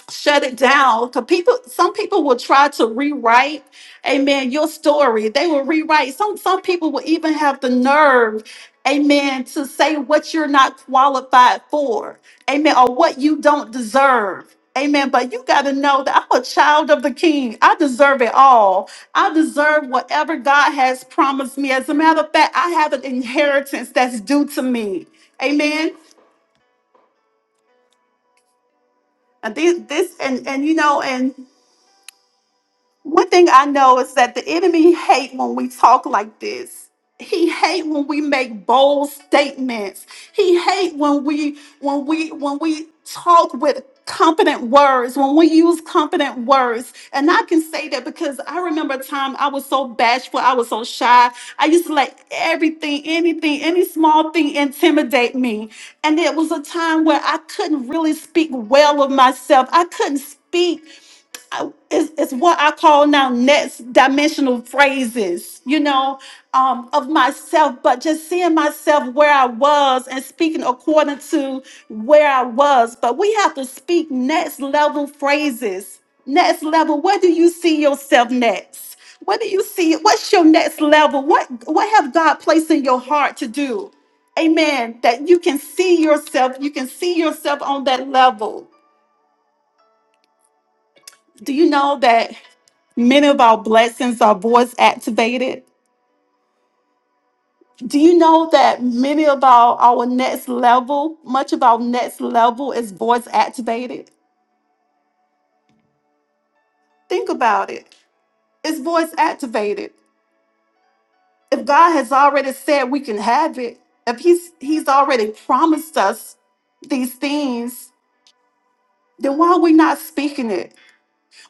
A: shut it down because people some people will try to rewrite amen your story they will rewrite some some people will even have the nerve amen to say what you're not qualified for amen or what you don't deserve amen but you got to know that i'm a child of the king i deserve it all i deserve whatever god has promised me as a matter of fact i have an inheritance that's due to me amen and this, this and and you know and One thing I know is that the enemy hate when we talk like this. He hate when we make bold statements. He hate when we when we when we talk with confident words, when we use confident words. And I can say that because I remember a time I was so bashful, I was so shy. I used to let everything, anything, any small thing intimidate me. And it was a time where I couldn't really speak well of myself. I couldn't speak I- it's, it's what I call now next dimensional phrases, you know, um, of myself, but just seeing myself where I was and speaking according to where I was. But we have to speak next level phrases. Next level, where do you see yourself next? What do you see? What's your next level? What what have God placed in your heart to do? Amen. That you can see yourself, you can see yourself on that level. Do you know that? Many of our blessings are voice activated. Do you know that many of our, our next level, much of our next level is voice activated? Think about it. It's voice activated. If God has already said we can have it, if He's He's already promised us these things, then why are we not speaking it?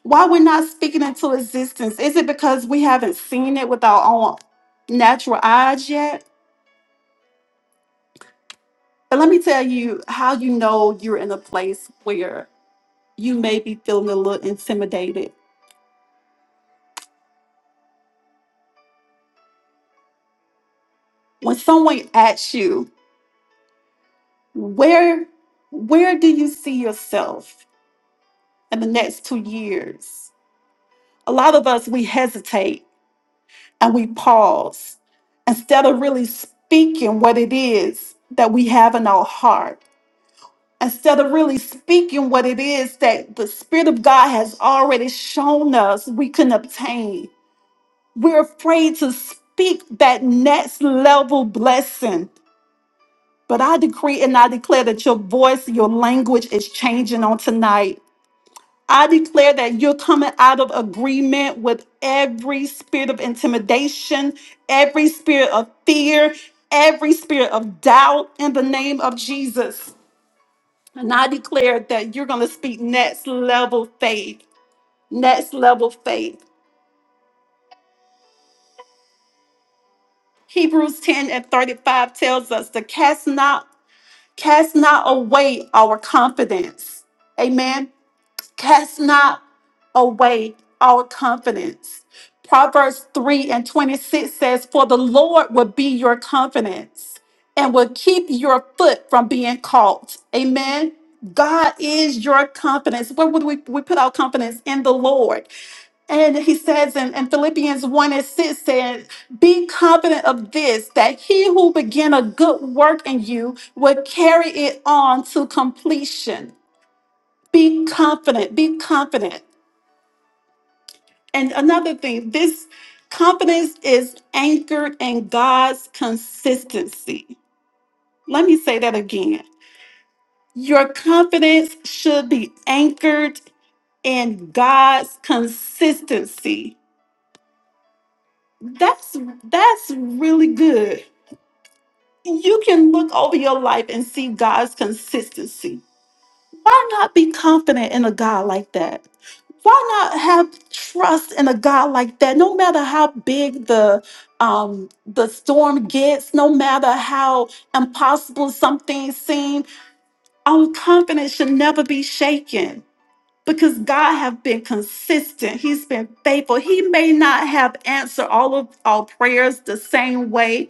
A: Why we're not speaking into existence? Is it because we haven't seen it with our own natural eyes yet? And let me tell you how you know you're in a place where you may be feeling a little intimidated. When someone asks you, where where do you see yourself in the next two years? A lot of us we hesitate and we pause instead of really speaking what it is that we have in our heart. Instead of really speaking what it is that the Spirit of God has already shown us we can obtain We're afraid to speak that next level blessing. But I decree and I declare that your voice, your language is changing on tonight. I declare that you're coming out of agreement with every spirit of intimidation, every spirit of fear, every spirit of doubt in the name of Jesus. And I declare that you're going to speak next level faith, next level faith. Hebrews 10 and 35 tells us to cast not Cast not away our confidence. Amen. Cast not away our confidence. Proverbs 3 and 26 says, For the Lord will be your confidence and will keep your foot from being caught. Amen. God is your confidence. Where would we, we put our confidence? In the Lord. And he says in, in Philippians 1 and 6 says, Be confident of this, that he who began a good work in you will carry it on to completion. Be confident, be confident. And another thing, this confidence is anchored in God's consistency. Let me say that again. Your confidence should be anchored in God's consistency. That's that's really good. You can look over your life and see God's consistency. Why not be confident in a God like that? why not have trust in a God like that? No matter how big the um, the storm gets, no matter how impossible something seems, our confidence should never be shaken because God have been consistent. He's been faithful. He may not have answered all of our prayers the same way,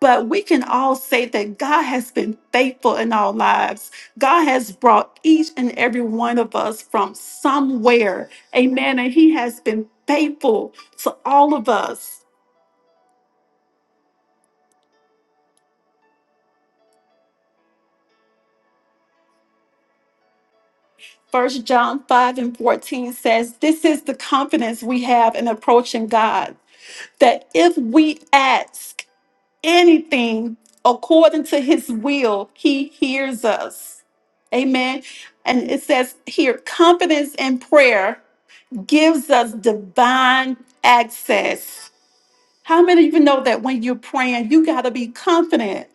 A: but we can all say that God has been faithful in our lives. God has brought each and every one of us from somewhere. Amen. And He has been faithful to all of us. First John 5 and 14 says, This is the confidence we have in approaching God, that if we ask anything according to his will, he hears us. Amen. And it says here, confidence in prayer gives us divine access. How many of you know that when you're praying, you got to be confident?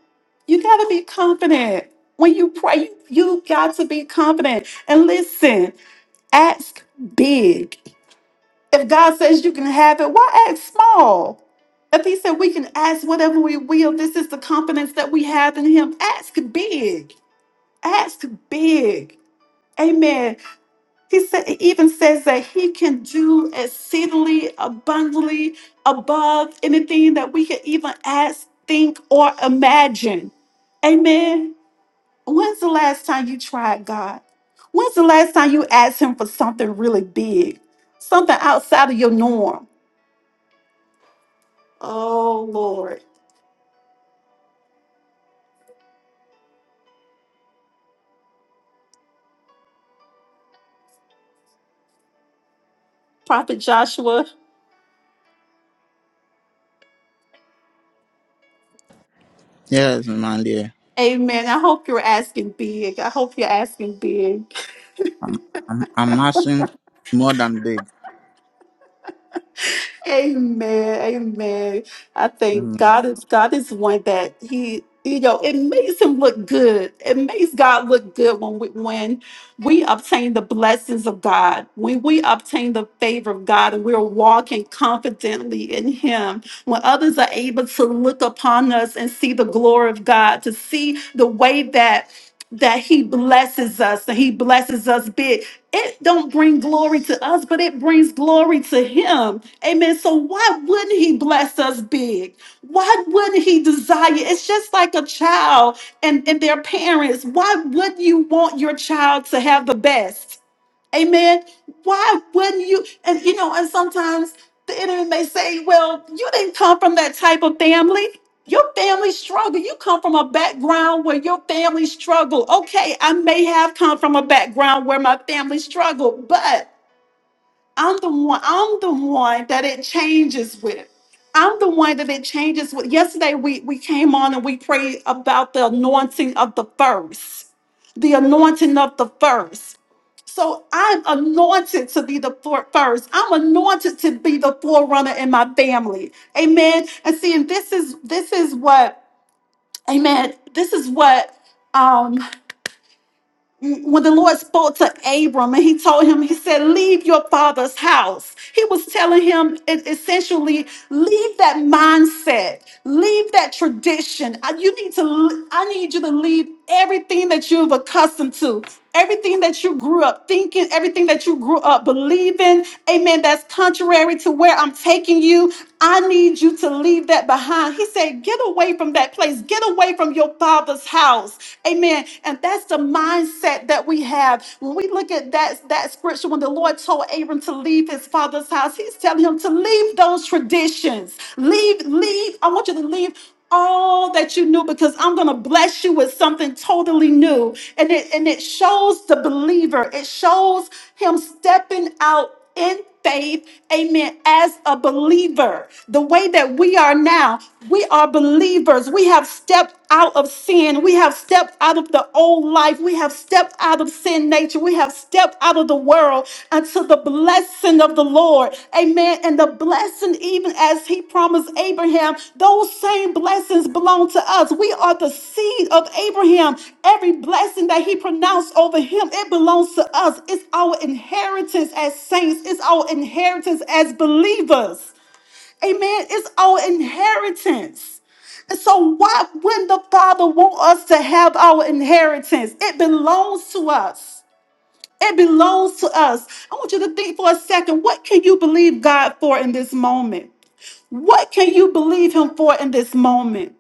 A: You got to be confident. When you pray, you got to be confident. And listen, ask big. If God says you can have it, why ask small? If He said we can ask whatever we will, this is the confidence that we have in Him. Ask big. Ask big. Amen. He said, it even says that he can do exceedingly abundantly above anything that we can even ask, think, or imagine. Amen. When's the last time you tried God? When's the last time you asked Him for something really big, something outside of your norm? Oh, Lord. Prophet Joshua,
B: Yes, my dear.
A: amen. I hope you're asking big. I hope you're asking big.
B: I'm, I'm, I'm asking more than big.
A: Amen. Amen. I think
B: Mm.
A: God is God is one that He you know it makes him look good. It makes God look good when we when we obtain the blessings of God, when we obtain the favor of God and we're walking confidently in Him, when others are able to look upon us and see the glory of God, to see the way that that he blesses us and he blesses us big it don't bring glory to us, but it brings glory to him. Amen. So why wouldn't he bless us big? Why wouldn't he desire? It's just like a child and, and their parents. Why would you want your child to have the best? Amen. Why wouldn't you? And you know, and sometimes the enemy may say, Well, you didn't come from that type of family. Your family struggle. You come from a background where your family struggle. Okay, I may have come from a background where my family struggled, but I'm the one, I'm the one that it changes with. I'm the one that it changes with. Yesterday we we came on and we prayed about the anointing of the first. The anointing of the first. So I'm anointed to be the for- first. I'm anointed to be the forerunner in my family. Amen. And see, and this is this is what, amen. This is what Um when when the Lord spoke to Abram and he told him, he said, Leave your father's house. He was telling him e- essentially, leave that mindset, leave that tradition. I- You need to l- I need you to leave everything that you've accustomed to, everything that you grew up thinking, everything that you grew up believing. Amen. That's contrary to where I'm taking you. I need you to leave that behind. He said, Get away from that place. Get away from your father's father's house. Amen. And that's the mindset that we have. When we look at that, that scripture, when the Lord told Abram to leave his father's house, he's telling him to leave those traditions. Leave, leave. I want you to leave all that you knew because I'm gonna bless you with something totally new. And it and it shows the believer, it shows him stepping out in faith, amen, as a believer. The way that we are now, we are believers. We have stepped out of sin. We have stepped out of the old life. We have stepped out of sin nature. We have stepped out of the world unto the blessing of the Lord. Amen. And the blessing, even as he promised Abraham, those same blessings belong to us. We are the seed of Abraham. Every blessing that he pronounced over him, it belongs to us. It's our inheritance as saints, it's our inheritance as believers. Amen. It's our inheritance. And so, why wouldn't the Father want us to have our inheritance? It belongs to us. It belongs to us. I want you to think for a second what can you believe God for in this moment? What can you believe Him for in this moment?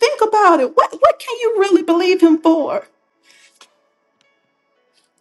A: Think about it. What, what can you really believe Him for?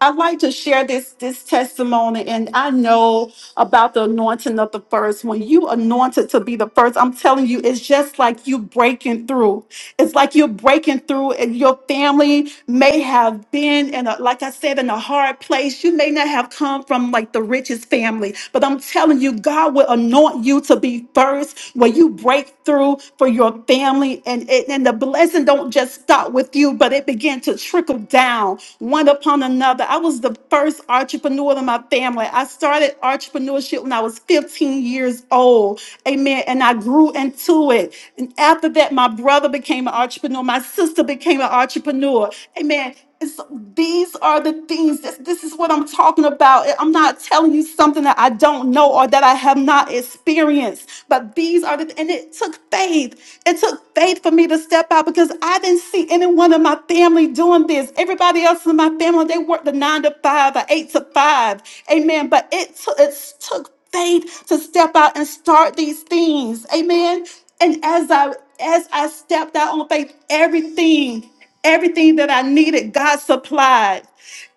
A: I'd like to share this this testimony, and I know about the anointing of the first. When you anointed to be the first, I'm telling you, it's just like you breaking through. It's like you're breaking through, and your family may have been in a, like I said, in a hard place. You may not have come from like the richest family, but I'm telling you, God will anoint you to be first when you break through for your family, and and, and the blessing don't just stop with you, but it begins began to trickle down one upon another. I was the first entrepreneur in my family. I started entrepreneurship when I was 15 years old. Amen. And I grew into it. And after that, my brother became an entrepreneur. My sister became an entrepreneur. Amen. And so these are the things. This, this is what I'm talking about. I'm not telling you something that I don't know or that I have not experienced. But these are the and it took faith. It took faith for me to step out because I didn't see anyone in my family doing this. Everybody else in my family, they worked the nine to five or eight to five. Amen. But it took it took faith to step out and start these things. Amen. And as I as I stepped out on faith, everything. Everything that I needed, God supplied.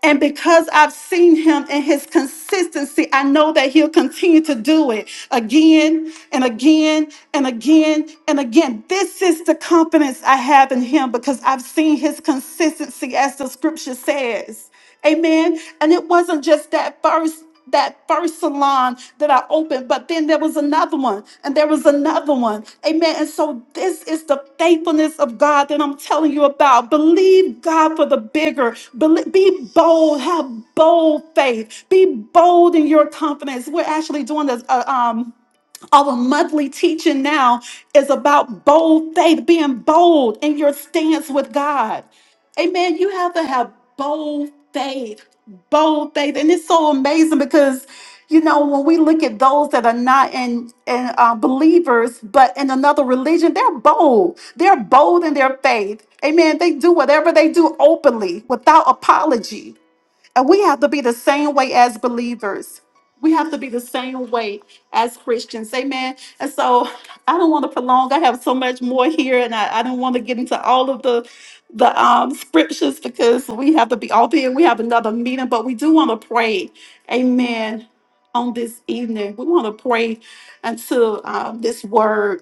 A: And because I've seen him and his consistency, I know that he'll continue to do it again and again and again and again. This is the confidence I have in him because I've seen his consistency, as the scripture says. Amen. And it wasn't just that first that first salon that I opened, but then there was another one, and there was another one. Amen. And so this is the faithfulness of God that I'm telling you about. Believe God for the bigger. Believe, be bold. Have bold faith. Be bold in your confidence. We're actually doing this. Uh, um, our monthly teaching now is about bold faith, being bold in your stance with God. Amen. You have to have bold faith, bold faith. And it's so amazing because, you know, when we look at those that are not in, in uh, believers, but in another religion, they're bold. They're bold in their faith. Amen. They do whatever they do openly without apology. And we have to be the same way as believers. We have to be the same way as Christians. Amen. And so I don't want to prolong. I have so much more here, and I, I don't want to get into all of the the um scriptures because we have to be all there. We have another meeting, but we do want to pray. Amen. On this evening, we want to pray until um, this word.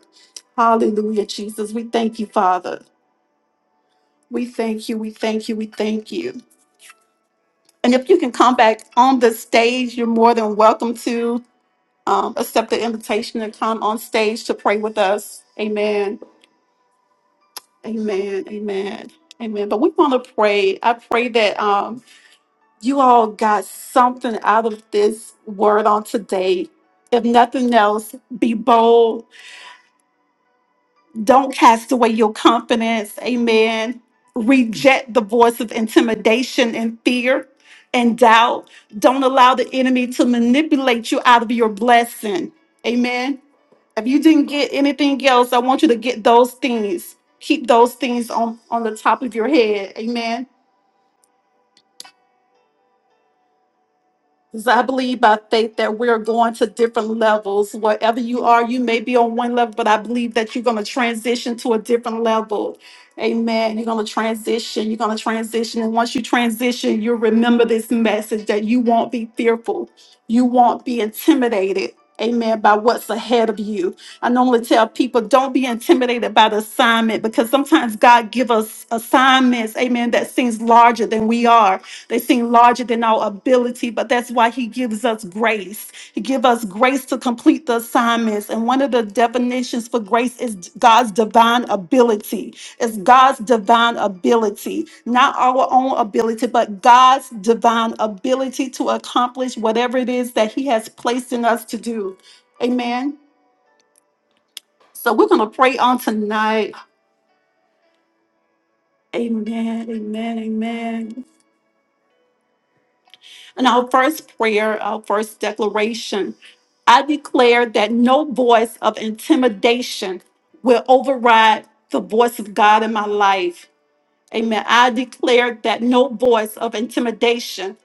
A: Hallelujah, Jesus. We thank you, Father. We thank you. We thank you. We thank you. And if you can come back on the stage, you're more than welcome to um, accept the invitation and come on stage to pray with us. Amen. Amen. Amen. Amen. But we want to pray. I pray that um, you all got something out of this word on today. If nothing else, be bold Don't cast away your confidence. Amen. Reject the voice of intimidation and fear and doubt. Don't allow the enemy to manipulate you out of your blessing. Amen. If you didn't get anything else, I want you to get those things. Keep those things on, on the top of your head. Amen Because I believe by faith that we're going to different levels. Wherever you are, you may be on one level, but I believe that you're going to transition to a different level. Amen. You're going to transition. You're going to transition. And once you transition, you'll remember this message that you won't be fearful. You won't be intimidated. Amen. By what's ahead of you. I normally tell people don't be intimidated by the assignment because sometimes God give us assignments, amen, that seems larger than we are they seem larger than our ability, but that's why He gives us grace. He gives us grace to complete the assignments. And one of the definitions for grace is God's divine ability. It's God's divine ability, not our own ability, but God's divine ability to accomplish whatever it is that He has placed in us to do. Amen. So we're going to pray on tonight. Amen. Amen. Amen. And our first prayer, our first declaration I declare that no voice of intimidation will override the voice of God in my life. Amen. I declare that no voice of intimidation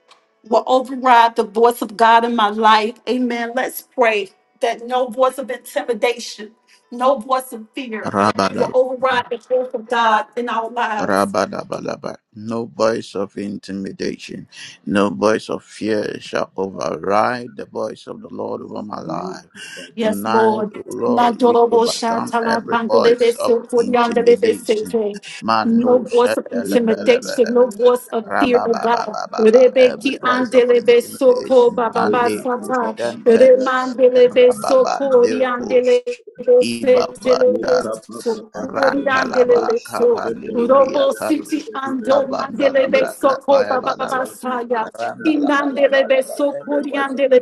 A: will override the voice of God in my life. Amen. Let's pray that no voice of intimidation, no voice of fear will
B: Rabadab-
A: override the voice of God in our lives.
B: rabadabalaba. No voice of intimidation, no voice of fear shall override the voice of the Lord over my life.
A: Yes,
B: Tonight,
A: Lord.
B: O Lord, we
A: Mandorobo
B: overcome
A: Shantala
B: every
A: Pangalebe
B: voice of
A: Sokoriandelebe
B: intimidation.
A: Sete. No
B: Mano
A: voice of
C: Look
A: intimidation, no voice of fear, oh God.
B: Rabababababa. Every
A: Rebeki
B: voice of
A: Andelebe Soko
B: intimidation,
A: Baba
B: Mande
A: Sata.
B: Kushente,
A: Remandele beso
B: Rababande
A: coriandele
B: Kush,
A: bese
B: Ibabada,
A: telebeso coriandele
B: Rantalaba
A: beso.
B: kapandi libria
A: Robo city
B: palus
A: ando
B: kabanda
A: mandele
B: labra
A: beso
B: kapaya
A: papa
B: balaba.
A: papasaya.
B: Randa laba
A: Indandele
B: laba laba.
A: beso
B: Every voice of
A: coriandele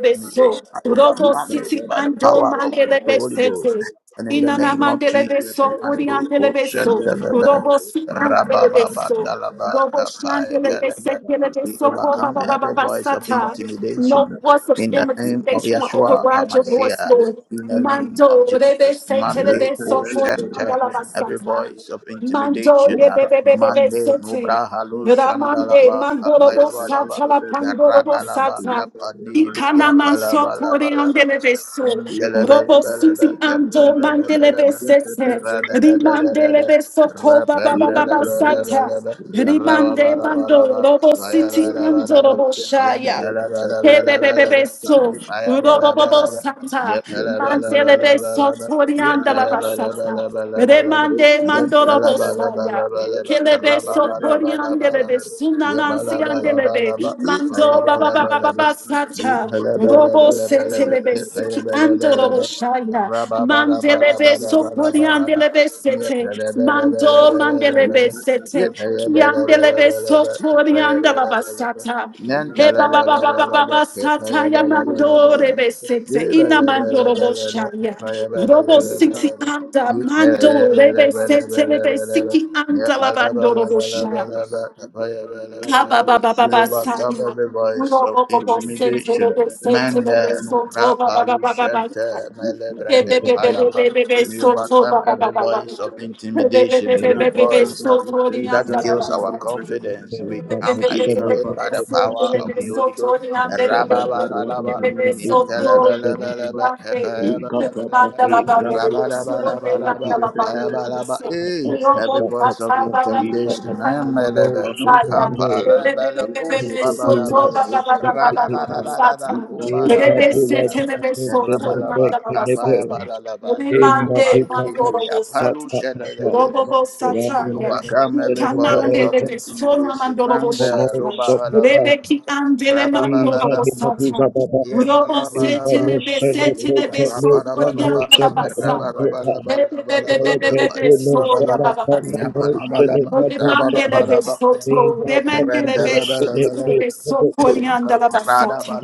C: up,
A: beso.
B: I
A: Robo
B: overcome
A: city
B: it by the
A: ando
B: power of
A: mandele
B: the Holy Ghost.
A: besete.
B: And in the
A: Inana
B: name of
A: mandele
B: Jesus,
A: beso
B: Mande
A: coriandele beso.
B: Koshentelebe
A: Robo si andele
B: Rababa
A: beso.
B: Dalaba
A: Bobo
B: Kapai
A: Shandele, they
B: Pelebe.
A: said, Dele, they
B: We
A: so poor, ba,
B: overcome
A: ba, ba, ba,
B: every
A: ba,
B: voice of
A: sata. No
B: intimidation
A: voice of
B: in the name of
A: intimidation will
B: Yeshua
A: override your voice,
B: HaMashiach,
A: Lord.
B: in the
C: Thank you.
B: name of
A: Mando, they they
B: Jesus.
A: said, Dele,
B: Mande
A: they so poor,
B: Koshente
A: Dandala, ba,
B: every
A: sata.
B: voice of
A: Mando,
B: intimidation.
A: ye,
B: uh,
A: be, be, be, be, be,
B: Mande
A: sete.
B: nubra halu
A: Ramande
B: shandalaba
A: mandorobo sata
B: apayabalaba
A: la pandorobo
B: naradalaba
A: sata.
B: kapadiribiya
A: Ikana manso kore
B: balabalabalaba
A: andele beso. Robo
B: yentelebelebelebe
A: suti ando mandele
B: kependalebelebe
A: besese.
C: Let
A: Rimandele
B: radadadadada
A: beso ko ba ba
C: Thank
A: ba ba ba sata.
B: Rapandalabalaba,
A: Rimande mando robo siti ando robo shaya. Bebebebe so, Robobobo Santa, Manzelebe Sotorianda la Basata, Remande Mandorobo Saya, Kelebe Sotoriandelebe, Sunanansiandelebe, Mando Baba Baba Baba Sata, Robo Setelebe, Siki Andorobo Shaya, Mandelebe Sotoriandelebe Sete,
C: you.
A: Mando
C: Thank
A: Mandelebe Sete, Kiandelebe Sotorianda la Basata, he ba ba ba
C: you.
A: sataya
C: Rabba
A: mandore besete ina mandoro boshaya robo siti
B: Rabba
A: anda
B: you
A: mandore
B: overcome
A: besete le besiki anda la bandoro boshaya Kabababababasaya.
B: every voice of intimidation. Mende
A: Robobobosentelebesentelebesoto
B: nukra palu shente
A: bababababasaya.
B: melebre
D: Thank you.
B: ekayapa. You
A: Kebebebebebebebesoto
B: overcome every voice
A: bababababasaya.
B: of intimidation, every voice uh,
A: Kebebebebebebebesoto
B: that kills our
A: riandalabasaya.
B: confidence. We come against it by the power of the Holy
A: Kebebebebebebebesoto
B: Ghost. Rabba,
A: riandelebebebebebesoto riandelebebebebesoto.
B: the
A: Banda la banda de Dios, banda
B: Rabalabalabala,
A: la banda de
B: balabalaba,
A: Dios.
B: eh, Every
A: Robo,
B: voice
A: tata,
B: of
A: baba,
B: intimidation.
A: baba,
B: I am a
A: baba.
B: rebel. No
A: Saya
B: kappa. Rebel. Ush.
A: bebe
B: Babaraba.
A: Soto,
B: Radadadadadada.
A: Satan. Bebe Satan,
B: Ubadabalabalaba.
A: Bebe Soto,
B: Rabalaba.
C: Shut
A: Mandava Satan,
B: Apayabalaba.
A: Bebe Mande,
B: Nikubandididi.
A: Mandoro Satan, Robo
B: Apalushelelebelebe.
A: Satania,
B: Nikubakam. Every voice
A: Kanande,
B: of
A: Bebe Sona
B: intimidation.
A: Mandoro
B: Nanda.
A: Satan,
B: Rubahalaba.
A: Bebe Kitandele
D: Eva
A: Mandoro
B: Rabababa.
C: Thank
A: Satan,
D: Eva
A: Robo Satan,
B: Yep.
A: Bebe Satan, Bebe Soto,
B: Rabarabaraba,
A: Yandava
D: Eva
A: Satan,
B: rabarabaraba, rabaraba, kapai,
A: Bebe Soya
B: rabaraba,
A: Baba
B: nyapalabalaba,
A: Remandele besoto, remandele besoto,
B: rabarabaraba,
A: besoto riandala basate.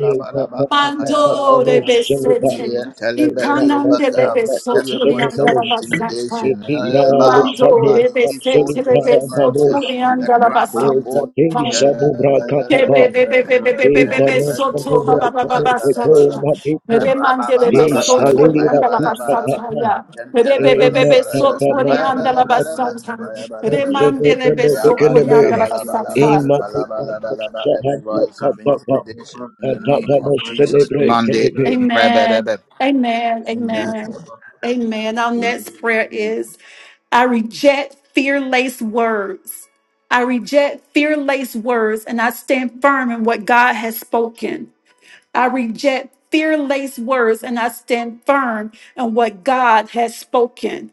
A: Mando de besete,
B: Yeah, tell them that we
A: ikanandele
B: overcome every
A: besoto
B: voice of
A: riandala basate.
B: intimidation. Eba,
A: Mando de
B: mobali,
A: besete,
B: ifon,
A: le
B: dos, ment,
A: besoto riandala
B: rabakon,
A: basate.
B: telebelebelebe,
A: Kebebebebebebebebe
B: nepeno,
C: you.
A: soto baba baba basata.
B: shapandalabalaba,
D: Eva
C: In
A: Remandelebe
B: rabababababa,
A: soto mandala
C: the
B: kapayabalabalaba,
A: basata ya. Rebebebebe
B: yentelebelebelebe,
A: soto riandala
B: kapayabalabalaba,
A: basata.
B: kapayabalabalaba.
A: Remandelebe
B: Every
A: soko riandala basata.
B: voice of intimidation in the name of Jesus. Monday.
A: Amen. Amen.
B: In
A: Amen. Amen. Our
C: name of
A: next prayer
C: Jesus.
A: is I reject fear-laced words. I reject fear-laced words and I stand firm in what God has spoken. I reject fear-laced words and I stand firm on what God has spoken.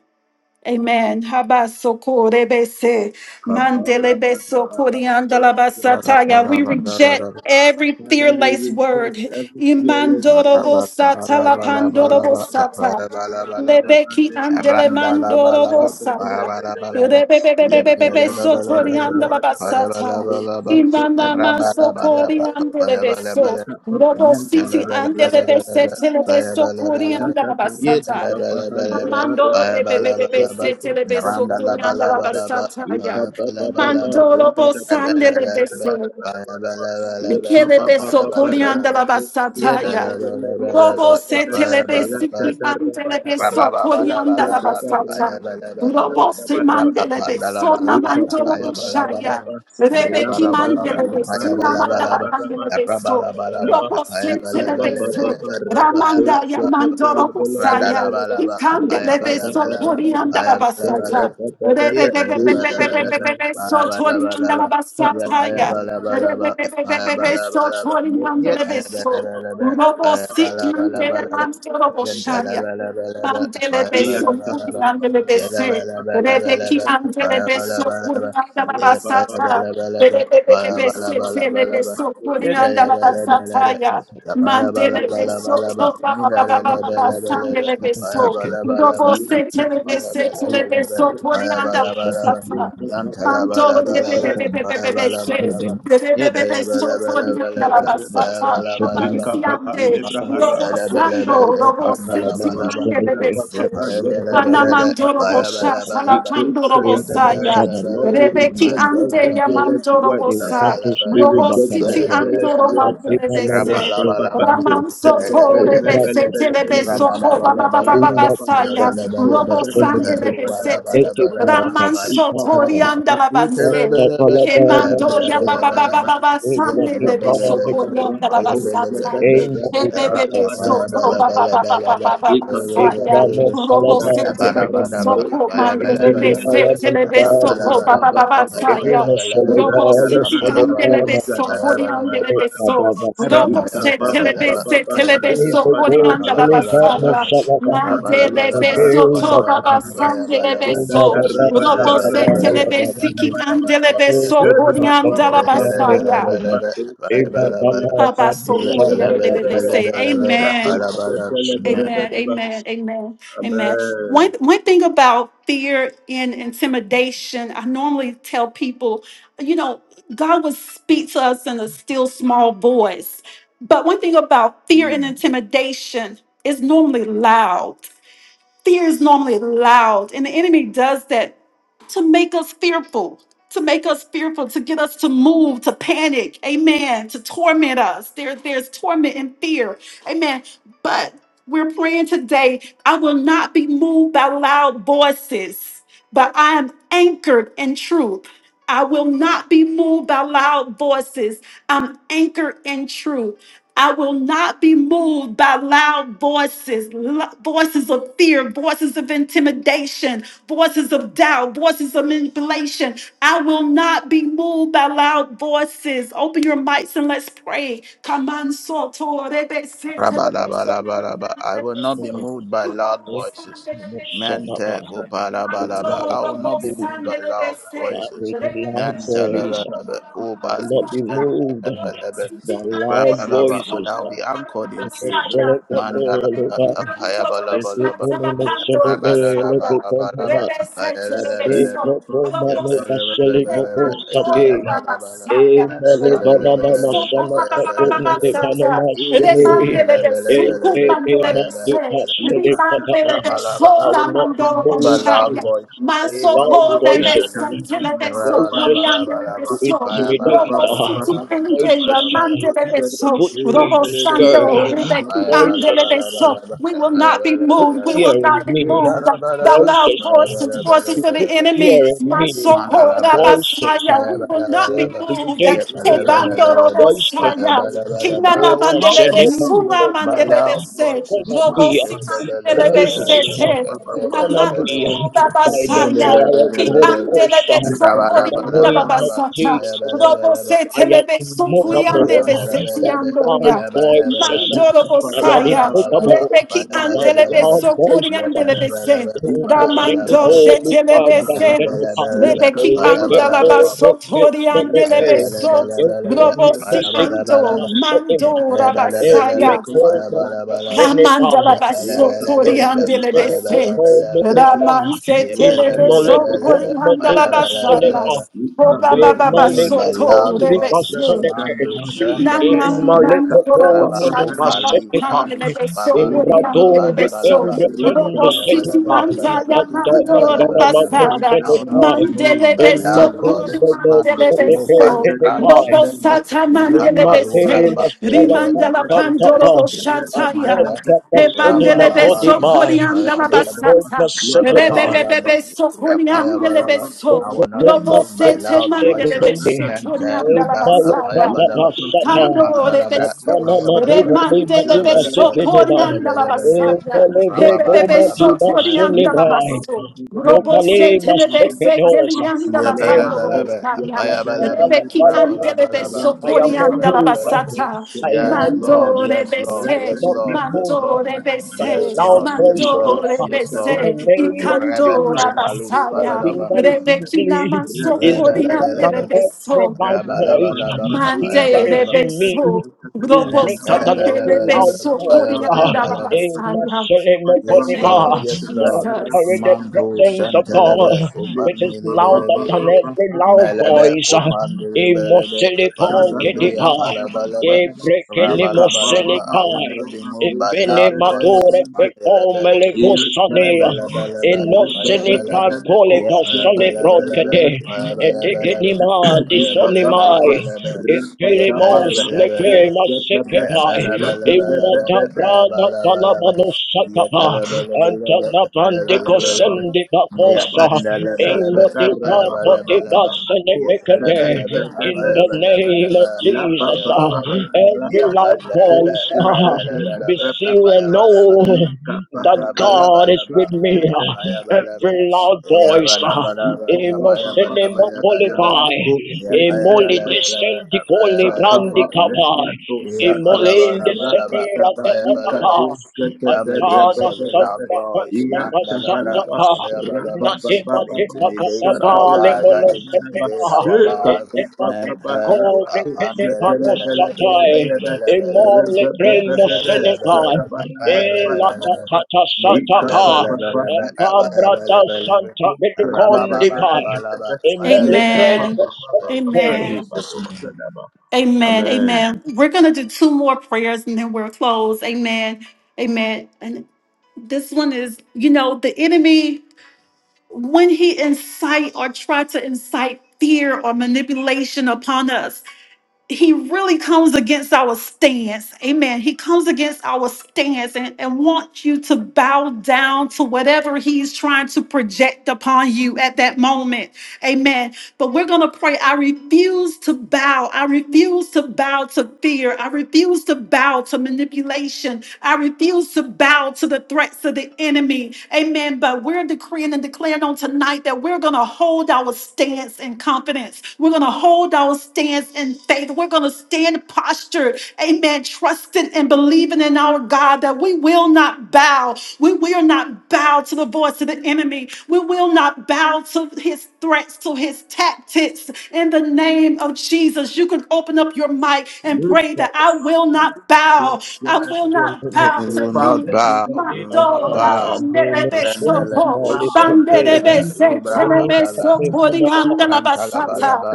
A: Amen. Habasokorebese,
C: Father, we
A: mandelebeso, koriandalabasataya. We reject
B: the
A: everything
C: reject every fearless
B: Randa
C: word.
B: la
A: la
B: ba la ba la ba, la
A: pandorobo sata.
B: ba
A: Lebeki andele mandorobo saya. Rebebebebebebe sotori andala basata. Imama maso kori andele beso. Rodo siti andele
C: Rabba
A: besetele beso kori andala
C: Shakata
A: basata.
C: rabba Paha Lepa
A: Mando
C: rabba
A: de
B: la
A: bebebebe setele
C: Shakata
A: beso
C: rabba
A: kori andala
C: Dabba
A: basata
C: Ika
A: ya.
C: Baba
B: ba la
C: Baba
B: ba,
A: Mandoro
C: rabba Dabba rabba
A: bosandele
C: Dabba Dabba
A: beso.
C: Dabba Dabba Dabba Leka
A: Kelebe
C: Baba Baba
A: sokori
C: rabba
A: andala
C: Shakata
A: basataya.
C: rabba rabba
A: Robo se
C: Dabba
A: telebe siki
C: Rakata rabba
A: andelebe
C: Dabba rabba
A: sokori andala
C: Shakata
A: basata.
C: rabba leka
A: Robo se
C: Shaka
A: mandelebe sona mandorobo shaya. Rebe ki mandelebe sina mandala mandelebe so. Robo se telebe so. Ramandaya
B: Rabba
A: mandorobo saya.
B: Radalabalaba,
A: Ikandelebe
B: ayabalabalaba,
A: sokori andala basata.
B: ayabalabalaba.
A: Rebe bebe bebe bebe bebe
B: Yedayabalabalaba,
A: bebe
C: Rabba
A: sotori
B: ayabalabalaba.
A: andala
B: Ye-
A: basataya.
B: ayabalabalaba,
A: Rebebebebebeso,
B: ayabalabalaba.
A: tuorimandelebeso.
B: Yedayabalabalaba,
A: Robo sit mandele
B: ayabalabalabalaba.
A: mandorobo sharia.
B: Yendalabalabalaba,
A: Mandelebeso,
B: ayabalabalaba.
A: kuriandelebese. Rebeki
B: Yedalabalabalaba,
A: andelebeso,
B: ayabalabalaba. Ye-
A: kuriandelabasata.
B: ayabalabalaba,
A: Rebebebebebese,
B: ayabalabalaba.
A: telebeso,
B: Yedayabalabalaba,
A: kuriandelabasataya. Mandelebeso, tobabababababa, sandelebeso. Robo se telebeso, telebeso, kuriandelabasata.
C: Set
A: Mantova de Bebes, the Bebes Sotoriandalabasata,
C: Ikabaha
A: Labanciande,
C: lebraha
A: Robo
C: rabakusha
A: Sando, Robo
B: Yantala
A: Sintiande
D: Amen.
C: Rabababa,
B: Rabba
A: Bebes,
D: Thank
C: lebatana,
D: you.
A: Anamandorobo
C: rabadaba,
A: Shatala
C: ikosha,
A: Pandorobo
C: da,
A: Saya,
C: Lord, we
A: Rebeki
C: reject
A: Ante
C: every careless
A: Yamandorobo
C: words. uh,
A: Sa,
C: We
A: Robo
C: reject
A: City
C: every careless
A: Andoro
C: words. uh,
A: Mandele
C: Rabababa, kosha, da, da, rebele, bele, bele, bele. Rabababa, rabakosha, Rabba
A: Ramanso Mandele
D: Evil Salibala Salibana,
B: Rapalabalaba,
D: Evil Salibano Salaban, Ekil Batabana,
C: Amen.
D: Ebadaba Batabala Banami, O
B: Rabba
D: Tedna Sanayamina, Ebadaba
A: Abba, so for the
D: Banasala
A: end, they
D: Bataba,
A: say,
D: the
A: Amen.
D: Commons,
A: Amen, amen, amen, amen. About fear, inundation, I normally tell people, you know, God will speak to us in a still small voice. But one thing about fear and intimidation is normally loud. Fear is normally loud, and the enemy does that to make us fearful, to make us fearful, to get us to move, to panic, amen, to torment us. There, there's torment and fear, amen. But. We're praying today. I will not be moved by loud voices, but I am anchored in truth. I will not be moved by loud voices. I'm anchored in truth. I will not be moved by loud voices, lo- voices of fear, voices of intimidation, voices of doubt, voices of manipulation. I will not be moved by loud voices. Open your mics and let's pray. Come on, so
B: Rabba, rabba, rabba, rabba. I will not be moved by loud voices.
D: Salaba,
B: Mente kupa
D: I
B: rabba,
D: will
B: rabba. I
D: not
B: will not be
D: move
B: moved by loud
D: That
B: voices.
D: we loud
B: Mente
D: boys
B: rabba, rabba.
D: I
B: Kupa
D: will not
B: loose.
D: be
B: Mente
D: moved.
B: rabba, rabba.
D: The loud
B: Rabba, rabba. But
D: voices.
B: I'll be anchored in
D: If a
B: truth.
D: silent
B: Manda rabba,
D: call,
B: kapaya,
D: if
B: rabba, rabba.
D: people in the
A: Thank
D: city
B: Rabba,
C: Mm.
D: may live
B: rabba,
A: you.
D: become
B: rabba,
D: a
A: Thank
B: rabba,
C: I
D: big
B: rabba.
D: become a
B: Yep.
D: live a
B: I
D: silly vocal sati. Amen.
C: will not
D: Lebanana,
C: be
D: my son,
C: moved.
D: my good Lebanana, silly. If they not be silly, I will
B: will
D: not
B: not
D: be
B: be moved by
D: moved.
B: loud
A: you.
B: voices.
D: The
B: Eh,
A: Maso
B: my
D: loud
A: ko
B: coach,
A: de
B: eh,
D: voices,
B: blah, blah,
A: beso,
B: blah.
A: tele
B: Eh, blah,
A: beso,
B: blah, blah, blah, blah, blah,
D: voices
A: coriande de
B: blah.
D: to
A: beso,
B: Blah, blah, blah,
D: intimidate,
A: robo
B: blah, blah,
A: si
B: blah, blah.
A: ente,
B: Eh,
D: voices.
B: blah, blah,
A: amante
B: blah,
A: de
B: blah, blah.
A: beso,
D: Put
B: Eh, eh,
D: me
B: eh,
A: robo
D: to
B: eh, eh, eh,
D: stir.
B: eh, eh.
A: sando, rebeki
B: Blah, blah,
A: ande
B: blah,
A: de
D: Voices,
B: blah, blah,
A: beso.
B: blah, blah.
A: We will
B: Eh,
A: not be
D: put
A: moved, we
D: fear
A: will
D: in
A: not be
D: me.
A: moved. The loud
D: Voices,
C: Thank
B: blah,
A: voices,
B: blah, blah,
D: to
A: voices of the
D: put
B: blah,
C: Lift
B: blah.
A: enemy,
D: fear in me.
A: Masoko
B: Mandala
A: da
B: bala
D: Voices,
A: basaya,
B: bala
A: we
B: bala
A: will
D: to
A: not
B: bala
A: be
B: bala.
A: moved.
D: intimidate
B: Yeah,
A: Te
B: bala
D: me.
B: bala
A: bando
B: bala
A: robo
D: Voices,
B: bala bala
A: saya,
B: bala bala. bala. I
A: kinana
D: name
B: will
D: us
A: mandele
B: not
D: and
B: be
D: name
A: beso,
B: moved
D: us.
B: by
A: mandele
B: loud
A: bese,
D: Come
B: voices.
A: robo
D: me.
A: si tu
B: Mandala bala bala bala
D: Voices,
A: ente,
D: to
B: bala bala
D: come
B: bala
D: me
B: bala.
A: Namando da
D: by the
A: Basaya.
B: Mandala
D: power of the
B: bala
A: Ki
D: Holy
B: bala
A: andele be
D: Ghost. In
A: sopori
D: the
B: bala
A: andala
D: name of
A: basata.
D: Jesus,
B: bala bala
A: Robo
B: bala bala.
A: sete
D: I
C: up,
D: am
A: telebe sopuri
D: immovable.
A: andele seti
D: By thy
A: andoya.
D: voices,
A: Mandoro
D: I am
A: bosaya.
D: immovable.
A: Rebe ki
D: That
A: andele be
D: loud voice
A: sopori andele be se.
D: in
C: Thank
D: the
A: Ramando
D: cynical
A: she
D: liquor
A: telebe
D: the
A: se.
D: cinema,
A: Rebeki
D: electric
A: andalaba
D: over
B: Yep,
D: the
A: sotori
B: I
D: cinema, in the
B: will
D: air.
A: andelebeso,
D: If the
B: not
A: robosi
D: music
A: ando,
D: of Senapa,
C: you.
A: mando
D: if the cinema, electric
A: rabasaya,
D: over the cinema, in the cynical
A: Amandalabasotoriandelebese.
D: over the cinema, in the electrical over the
A: Ramansetelebesotoriandelabasayas.
D: cinema, Thank
B: be moved by loud voices.
A: Obabababasotorebese.
B: Mando Shandalabala.
A: Mandele Robo
B: Rabakop Ali Alus Babandi Mabalabalaba.
C: Rakala
B: Yep,
C: Barabatu,
B: Balabalabalaba,
C: Shabbat,
B: Balabalabalaba. I will not be moved by loud
C: Thank
B: voices. Monday, Mopali Pralus Tende,
A: sata mandele
B: Nikapalu
A: bese,
B: Brabande Lebe,
A: rimandala
B: Nibran Teleka,
A: pandorobo shataya,
B: Manda,
A: Rebandele beso
B: Rabalabalaba,
A: corianda la basata. Rebebebe
B: Rabalabalaba,
A: beso coriandele
B: Kapayabalaba.
A: beso.
B: I will not be
A: Robo
B: moved by
A: sete
B: loud
A: mandele
B: voices.
D: you.
A: beso
D: I
B: Nanta
A: corianda
D: am
A: la
B: lubra
D: not
A: basaya.
B: kapayabalaba.
A: Candore
B: Nyapandalabra
A: beso,
B: kapayabalaba.
A: remandele
B: Rabalaba
A: beso corianda la
B: kapayabalabalaba.
A: basaya, pepepe
C: you.
B: Rababandalaba
A: beso corianda la
B: kapayabalaba.
A: basso, robo setele bese telianda la pandoro
B: Nyapalabalaba
A: besaya,
B: kapayabalaba.
A: rebeki andele
B: Rabalabalaba
A: beso corianda la
D: moved.
B: kapayabalabalaba.
A: basata,
D: I
B: Yes,
D: love Jesus.
B: Lord.
A: mandore
B: Yes, Lord.
D: I could
A: bese,
B: Yes,
D: not be
B: Lord. Yes,
D: moved
B: Lord.
A: mandore
D: by
A: bese,
B: Yes,
D: loud
B: Lord. Yes,
D: voices
B: Lord.
A: mandore
D: uh,
B: Yes,
D: in
B: Lord.
D: the
A: bese,
D: name of
B: Yereben
D: Jesus.
A: icandora
B: kopalus
D: For
A: basaya,
D: he
B: padalaba.
D: that is in
A: rebeki
D: me
A: namaso
D: is greater
A: coriandele
B: Rabalabalaba,
D: than every
A: beso,
D: loud voice.
B: Rabalabalaba,
D: He that is
A: Mandele
B: Apayabalaba,
D: in
A: beso,
D: me is
A: robo
D: greater than every
A: sandele
B: Rentalabalabalaba,
D: loud
A: beso,
D: voice. Uh,
A: corianda la
B: Ayabalabalaba.
D: In the
A: basaya.
D: same
A: In the
C: Rabba
B: Yes,
A: name
B: Lord,
A: of
D: Okonima,
B: yes,
C: Rabba
D: for I
B: Lord.
D: carry
A: Jesus.
D: the
B: Mando
D: presence of
B: Shantelebe,
D: God, which
B: Opan
D: is louder than
B: Libelebe,
D: every loud
B: Melebe,
D: voice. Uh,
B: Opan
D: In
B: Libelebe, Kapan
D: Mosilipo
B: Libria,
D: Kedipa,
B: Palabalaba,
D: Ebrekeni
B: Rabalabalaba. I will
D: Mosilipai.
B: not be moved by
D: Ifene
B: loud
D: matore
B: voices,
D: pe komele
B: Mandelebelebe.
D: kosanea. Inosene katole kasane brotkade. Etekeni ma disoni mai. Ifele mos lefe masekepai. Imata prana talabano satapa. Antana pandiko sandi
C: Baba
D: babosa. Imoti
C: Shadadara Baba
D: papote
C: Baba Baba
D: basane
C: Kosta
D: pekate
C: Dada
D: in the name of
C: La
D: Jesus.
C: Baba Baba
D: uh, Every
C: Ramada
D: loud voice
C: Kosta
D: uh,
C: Dada
D: be
C: Baba
D: still and
C: Baba
D: know
B: Yep,
C: Leka Baha
D: that God
C: Rama
D: is
B: Rabalabalaba,
D: with me.
C: Kosta Dada
D: uh,
B: Payabalaba,
D: Every loud
C: Baba
D: voice uh,
C: Baba
B: Yabalabalaba,
C: Ika
D: in the
C: Baba
D: cinema
C: Baba
B: Kabayabalabalabalaba,
D: qualify.
C: Rama
D: Emoli
C: Kosta
B: Yapayabalabalaba,
D: descendi coli brandi
C: Kapaha
B: Apayabalabalaba,
D: capai.
C: leprados kata
D: Emoli
B: Yapalabalabalaba,
C: ratata
D: descendira da da da
B: Apayabalaba.
C: dabrikados
B: We
C: kata
B: come against
D: Atada
B: every loud
C: rabababa
D: santa
B: voice,
D: canta
C: iya
D: passata
B: Mandalabra,
C: tahalaba
D: pa.
B: Kapayabalaba,
D: Nati
B: that
D: mati
C: rabababa
D: cacata
B: intimidates
D: pa
B: our
D: le
B: life,
C: shadabababa
B: that intimidates our life. Man,
C: kapababa
B: look
C: rabako
B: upon
C: shetelebelebelebelebe
B: Kapayabalabalabalaba,
D: Imole prendo se
C: rabababa
D: ne vai,
B: Yapalabalabalaba,
D: e la ta
B: Apayabalabalabalaba.
D: ta
C: shadabarabababa
D: ta sa
B: Yep.
D: ta pa,
C: ikapapapa
D: e cambra ta
C: rabababa
D: santa che ti condi pai,
C: shetelebelebelebe
D: imole
A: Amen.
D: prendo se ne
C: lekapapapa
D: vai.
B: In
A: Amen.
B: Jesus'
C: rabados
B: name.
A: Amen.
C: Amen.
A: Amen. We're going to do two more prayers and then we'll close. Amen. Amen. And this one is, you know, the enemy, when he incite or try to incite fear or manipulation upon us, he really comes against our stance. Amen. He comes against our stance and, and wants you to bow down to whatever he's trying to project upon you at that moment. Amen. But we're going to pray. I refuse to bow. I refuse to bow to fear. I refuse to bow to manipulation. I refuse to bow to the threats of the enemy. Amen. But we're decreeing and declaring on tonight that we're going to hold our stance in confidence. We're going to hold our stance in faith. We're going to stand postured. Amen. Trusting and believing in our God that we will bow. We bow to the enemy. We tactics in the name of Jesus. You can open up your mic and pray that I will not bow. I will not bow
B: We will
A: to
B: not
C: Father,
A: fear.
C: in
B: bow.
C: the
B: We
C: name
B: will
C: of
B: not
A: Mando la
D: Ah,
B: bow.
C: Jesus,
D: de
C: I
D: lo
A: bandelebe
D: so
C: refuse
D: di
B: Rendele
C: to
A: soko,
C: bow.
D: male
C: I
D: poteri,
A: bandelebe
B: kusentelebe
C: refuse to
A: se
B: ruba
C: bow.
D: e
C: I
A: telebe
D: la te
C: refuse
A: soko
C: to
A: di
D: mana pa,
C: bow.
A: andela basata.
B: Rantalabalaba,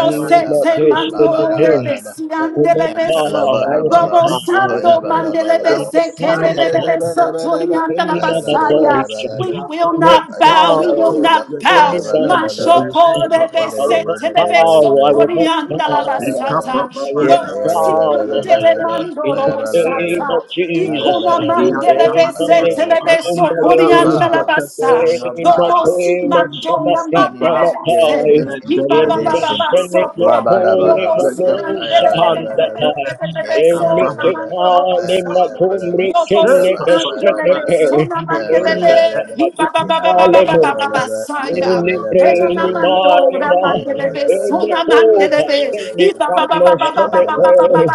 D: e
A: se
D: la
A: te
D: te stelle
A: mando
D: te,
A: de
B: rababalabalaba,
A: besi
D: I will not
A: andelebe
D: bow,
A: soko.
C: I
D: I will not
A: Robo
B: nyantalabarabalabalaba,
C: decree and
D: bow,
A: Santo
C: declare that
D: I
C: I
A: Mandelebe
D: will
B: apayabalabalaba,
C: will
A: Seke
D: not
C: stand
D: bow,
A: Bebebe
C: confidently
B: nyelelebelebelebe,
A: Sotorianda la
D: any other
C: for
A: Basaya.
D: voice. I
A: We
B: apayabalabalaba,
C: it.
A: will
D: will not
A: not bow, we
D: bow
A: will
B: yapayabalabalaba,
A: not bow.
D: any other
B: apayabalabalaba,
D: voice.
A: Mashoko Bebe
D: I will not
A: Sete Bebe
D: bow, I will
B: yelelebelebelebe,
D: not
A: Sotorianda la
D: bow, I
C: Ika ba
B: apayabalabalaba,
A: Basata.
C: ba ba
D: will
C: ra
D: not
A: Robo
C: ba ko
D: bow.
C: sha ta
A: Sindele
C: ta.
B: yetayabalabalabelebe,
A: Mando
D: In the
A: Robo
D: name
B: apayabalabalaba,
D: of
A: Sata.
D: Jesus,
A: Ikuna
C: We
B: malabalabalebe,
A: Mandelebe
D: In the
A: Sete
B: apayabalaba.
D: name
A: Bebe
B: We will not
D: Amen.
A: Sotorianda la
B: bow.
D: In
B: We
A: Basa.
B: will
D: the
B: not
A: Robo
B: bow
D: name of
A: Simando
B: the
C: refuse to bow.
B: enemy's
A: Mandelebe
B: fear
D: Shabbatai,
B: and
A: Sete. We will
D: in
A: not
D: the
A: bow
B: intimidation.
D: Senate, the Holy
B: Rabalabalaba,
D: Mamosa and the
B: yapayabalabalaba,
D: High, in the Titan, in the
B: yapayabalabalaba,
D: Kumri, in the Senate,
B: yapayabalabalaba,
D: in the
B: yapayabalabalaba, yapayabalabalaba, yapayabalabalaba,
D: Kapatipale Mosa,
B: yapayabalabalaba,
D: in the Brainy
B: yapayabalabalaba, yapayabalabalaba,
D: Maina,
B: yapayabalabalaba,
D: in the Kota, Senate, and the Senate,